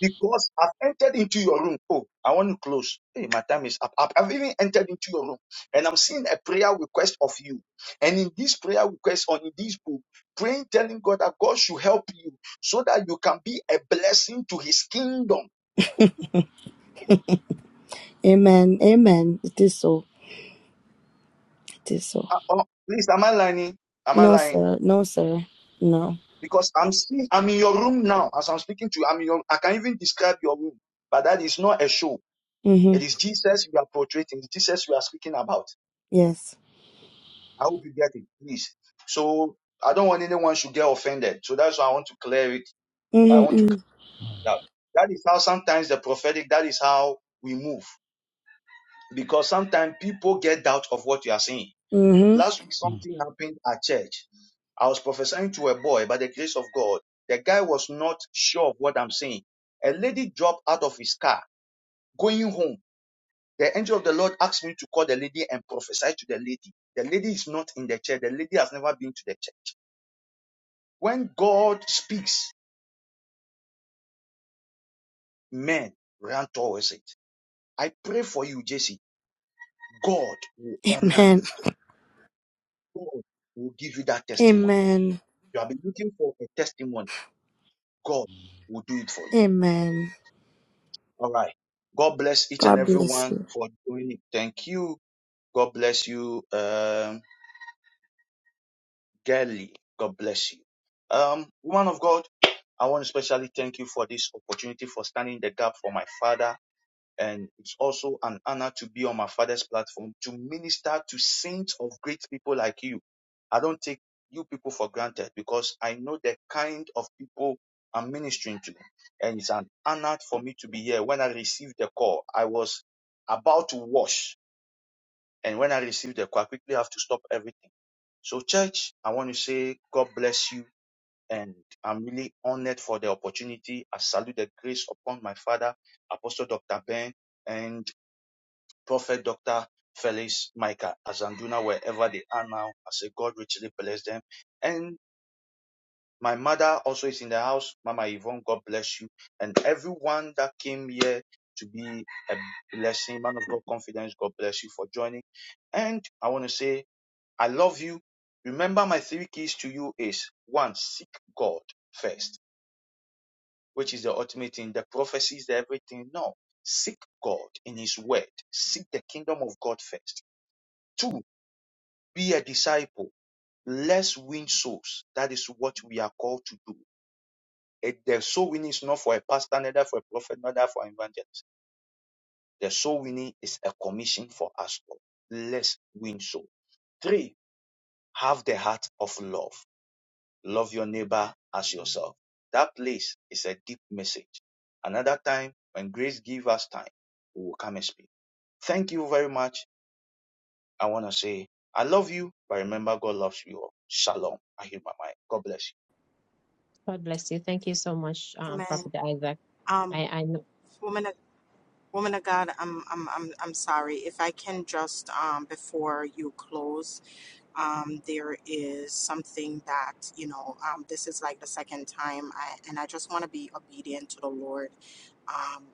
because I've entered into your room. Oh, I want to close. Hey, my time is up. I've I've even entered into your room and I'm seeing a prayer request of you. And in this prayer request or in this book, praying, telling God that God should help you so that you can be a blessing to his kingdom.
Amen. Amen. It is so. It is so.
Uh, oh, please, am I lying? Am I
No,
lying?
sir. No, sir. No.
Because I'm seeing, I'm in your room now as I'm speaking to you. I'm in your, I can even describe your room, but that is not a show.
Mm-hmm.
It is Jesus you are portraying, Jesus you are speaking about.
Yes.
I hope you get it, please. So I don't want anyone should get offended. So that's why I want to clear it. I want to
Mm-hmm.
clear it out. That is how sometimes the prophetic, that is how we move. Because sometimes people get doubt of what you are saying.
Mm-hmm.
Last week something happened at church. I was prophesying to a boy by the grace of God. The guy was not sure of what I'm saying. A lady dropped out of his car going home The angel of the Lord asked me to call the lady and prophesy to the lady. The lady is not in the church. The lady has never been to the church. When God speaks, men run towards it. I pray for you, Jesse. God will honor
Amen.
you. God will give you that testimony.
Amen.
You have been looking for a testimony. God will do it for you.
Amen.
All right. God bless each and
God
every
bless
one
you.
for doing it. Thank you. God bless you. Um, Gally, God bless you. Um, woman of God, I want to especially thank you for this opportunity for standing in the gap for my father. And it's also an honor to be on my father's platform to minister to saints of great people like you. I don't take you people for granted because I know the kind of people I'm ministering to. And it's an honor for me to be here. When I received the call, I was about to wash. And when the call, I quickly have to stop everything. So, church, I want to say God bless you and I'm really honored for the opportunity. I salute the grace upon my father, Apostle Dr. Ben and Prophet Felix Micah, Anna, wherever they are now. I say God richly bless them. And my mother also is in the house. Mama Yvonne, God bless you. And everyone that came here to be a blessing, man of God confidence, God bless you for joining. And I want to say, I love you. Remember my three keys to you is one, seek God first which is the ultimate thing, the prophecies, the everything. No. Seek God in His Word. Seek the kingdom of God first. Two, be a disciple. Let's win souls. That is what we are called to do. It, the soul winning is not for a pastor, neither for a prophet, neither for an evangelist. The soul winning is a commission for us all. Let's win souls. Three, have the heart of love. Love your neighbor as yourself. That place is a deep message. Another time, when grace gives us time, we will come and speak. Thank you very much. I want to say I love you, but remember God loves you all. Shalom. I hear my mind. God bless
God bless you. Thank you so much, um,
Amen.
Prophet Isaac.
Um,
I, I know.
woman, of, woman of God, I'm, I'm, I'm, I'm sorry. If I can just, um, before you close, um, there is something that you know. Um, this is like the second time, I, and I just want to be obedient to the Lord um,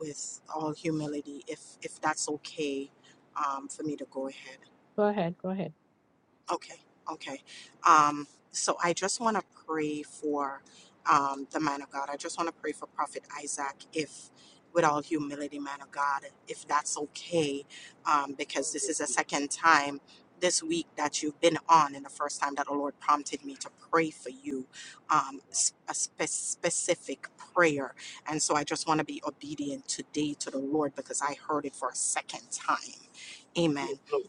with all humility if if that's okay um, for me to go ahead.
Go ahead. Go ahead.
Okay, okay. Um, so I just want to pray for um, the man of God. I just want to pray for Prophet Isaac, if with all humility, man of God, if that's okay, um, because this is a second time this week that you've been on, and the first time that the Lord prompted me to pray for you, um, s- a spe- specific prayer. And so I just want to be obedient today to the Lord because I heard it for a second time. Amen.
Lord.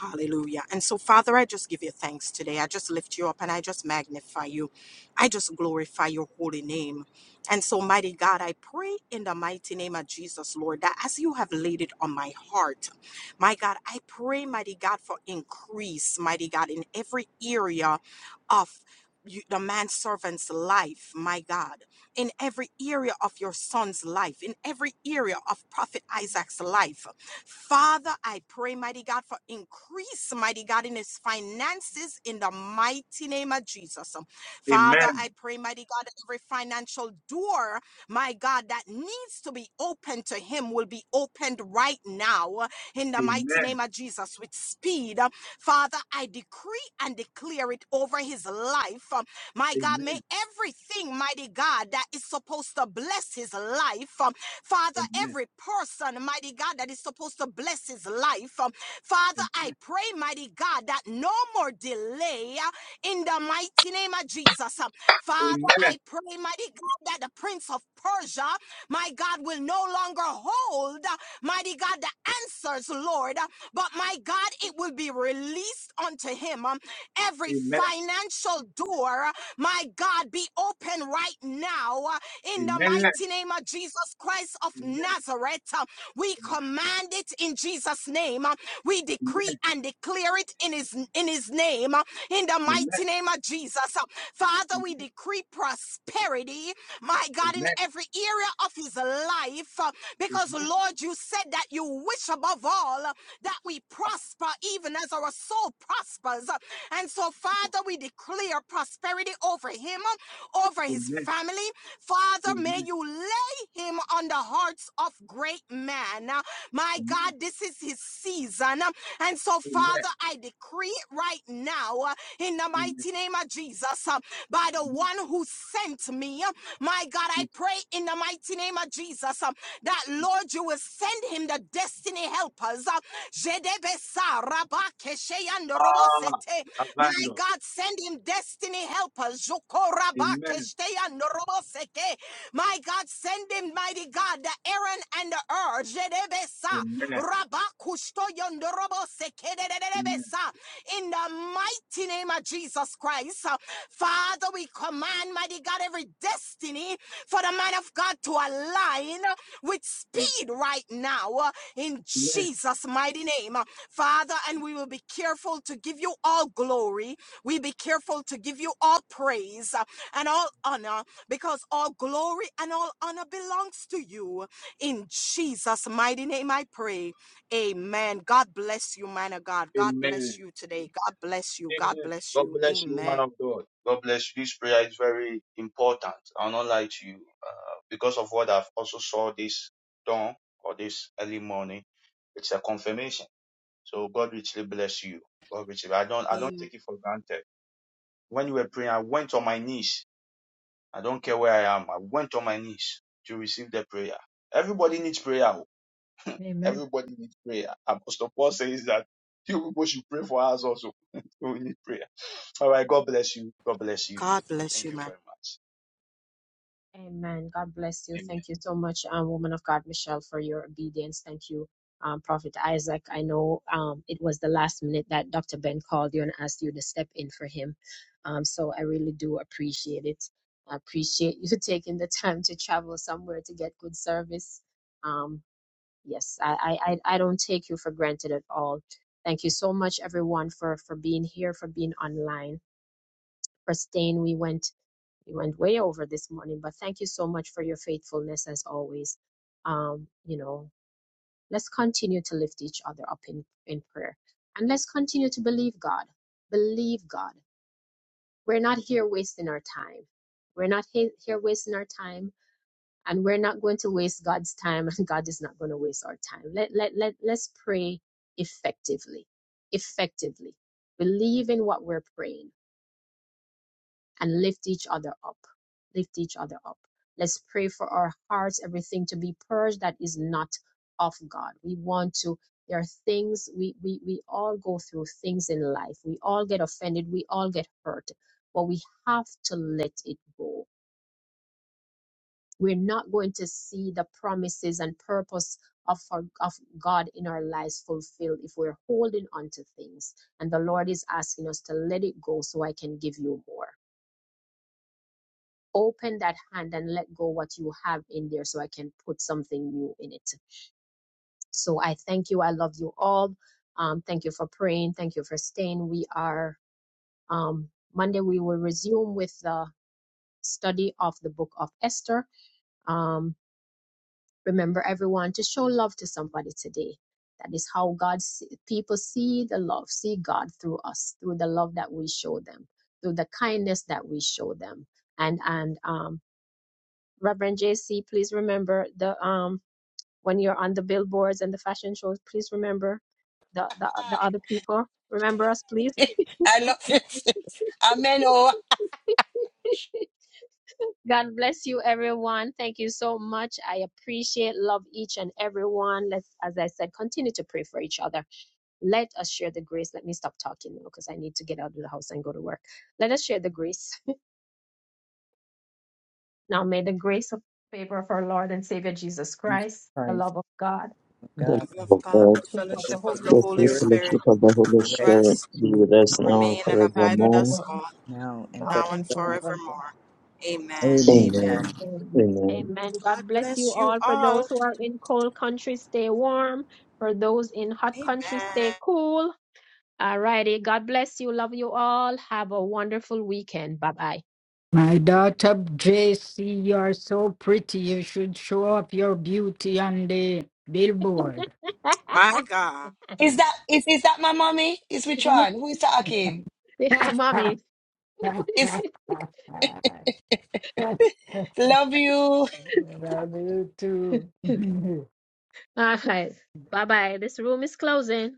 Hallelujah. And so, Father, I just give you thanks today. I just lift you up and I just magnify you. I just glorify your holy name. And so, mighty God, I pray in the mighty name of Jesus, Lord, that as you have laid it on my heart, my God, I pray, mighty God, for increase, mighty God, in every area of you, the manservant's life, my God, in every area of your son's life, in every area of Prophet Isaac's life. Father, I pray, mighty God, for increase, mighty God, in his finances in the mighty name of Jesus. Father,
Amen.
I pray, mighty God, that every financial door, my God, that needs to be opened to him will be opened right now in the mighty
Amen.
name of Jesus with speed. Father, I decree and declare it over his life. Um, My God, may
Amen.
everything, mighty God, that is supposed to bless his life. Father,
Amen.
every person, mighty God, that is supposed to bless his life, Father, I
Amen.
pray, mighty God, that no more delay uh, in the mighty name of Jesus. Uh, Father,
Amen. Amen.
I pray, mighty God, that the Prince of Persia, my God, will no longer hold, uh, mighty God, the answers, Lord, uh, but my God, it will be released unto him. Um, Every
Amen.
financial door, uh, my God, be open right now uh, in the
Amen. Amen.
mighty name of Jesus Christ of Nazareth. Uh, We command it in Jesus' name. Uh, we decree
Amen.
and declare it in his in his name, uh, in the
Amen.
mighty name of Jesus. Uh, Father, we decree prosperity, my God, in
Amen.
every area of his life. uh, Because
Amen.
Lord, you said that you wish above all uh, that we prosper, even as our soul prospers. Uh, And so,
God.
Father, we declare prosperity over him, uh, over his
Amen.
family. Father, may
Amen.
you live him on the hearts of great men. Uh, My God, this is his season. Um, And so,
Amen.
Father, I decree it right now uh, in the
Amen.
mighty name of Jesus, uh, by the one who sent me. uh, My God, I
It's
pray in the mighty name of Jesus uh, that, Lord, you will send him the destiny helpers. uh, Jedebesa rabakeshe
all
yandorobosete. My
abandoned.
God, send him destiny helpers.
Amen.
Zokorabakeshteyanoroboseke. My God, send him, mighty God, the Aaron and the Ur. Jerebesa.
Amen.
Rabakushtoyondoroboseke.
Amen.
Dedededebesa. In the mighty name of Jesus Christ place. Uh, Father, we command, mighty God, every destiny for the man of God to align uh, with speed right now uh, in
Amen.
Jesus' mighty name. Uh, Father, and we will be careful to give you all glory. We be careful to give you all praise uh, and all honor because all glory and all honor belongs to you. In Jesus' mighty name, I pray. Amen. God bless you, man of God. God bless
Amen.
you today. God bless you. God bless you. Amen.
God. you. God be thanked. And you this dawn or this early morning. you. God
Amen.
I don't care where I am. I went on my knees to receive the prayer. Everybody needs prayer. oh.
Amen.
Everybody needs prayer. Apostle Paul says that you people should pray for us also. so We need prayer. All right. God bless you. God bless you
God bless you, man.
very
Amen. God bless you.
much.
Thank you so much, um, woman of God, Michelle, for your obedience. Thank you, um, Prophet Isaac. I know um, it was the last minute that Dr. Ben called you and asked you to step in for him. Um, so I really do appreciate it. I appreciate you taking the time to travel somewhere to get good service. Um, yes, I, I, I I don't take you for granted at all. Thank you so much, everyone, for, for being here, for being online, for staying. We went we went way over this morning, but thank you so much for your faithfulness as always. Um, you know, let's continue to lift each other up in, in prayer and let's continue to believe God. Believe God. We're not here wasting our time. We're not he- here wasting our time and we're not going to waste God's time and God is not going to waste our time. Let, let, let, let's pray effectively, effectively. Believe in what we're praying and lift each other up. Lift each other up. Let's pray for our hearts, everything to be purged that is not of God. We want to, there are things we, we, we all go through things in life. We all get offended. We all get hurt, but we have to let it go. We're not going to see the promises and purpose of, our, of God in our lives fulfilled if we're holding on to things. And the Lord is asking us to let it go so I can give you more. open that hand and let go what you have in there so I can put something new in it. So I thank you. I love you all. Um, thank you for praying. Thank you for staying. We are, um, Monday, we will resume with the study of the book of Esther. Um, remember everyone to show love to somebody today. That is how God's people see the love, see God through us, through the love that we show them, through the kindness that we show them. And, and, um, Reverend JC, please remember the um when you're on the billboards and the fashion shows, please remember the the, the other people. Remember us, please.
I love this. Amen. Oh,
God bless you, everyone. Thank you so much. I appreciate, love each and everyone. Let's, as I said, continue to pray for each other. Let us share the grace. Let me stop talking now because I need to get out of the house and go to work. Let us share the grace. Now, may the grace of favor of our Lord and Savior Jesus
Jesus
Christ, the
Christ,
love of God,
of
The
The
God,
love of
love of
God,
God,
the
fellowship
of
of
fellowship
the
the
of
Holy
Holy
the
the
Holy
free
Spirit,
Spirit,
Spirit,
fellowship of the Holy
rest
Spirit
rest,
be
you
with us now and
remain, and
and
abide
with
with
us
forevermore.
us
all
all,
now and
now
now and
and
forevermore.
forevermore.
forevermore. Amen. Amen.
Amen.
Amen.
Amen.
Amen.
Amen.
Amen.
God
God bless you
bless you
all. For those
all.
who are in cold countries, stay warm. For those in hot countries, stay
Amen.
cool. Alrighty. God bless you. Love you all. Have a wonderful weekend. Bye
My daughter JC, you are so pretty. You should show off your beauty on the billboard.
bye.
My God.
is that is is that my mommy? Is which one? Who is talking?
Mommy.
It's love you.
Love you too.
All right. Bye bye. This room is closing.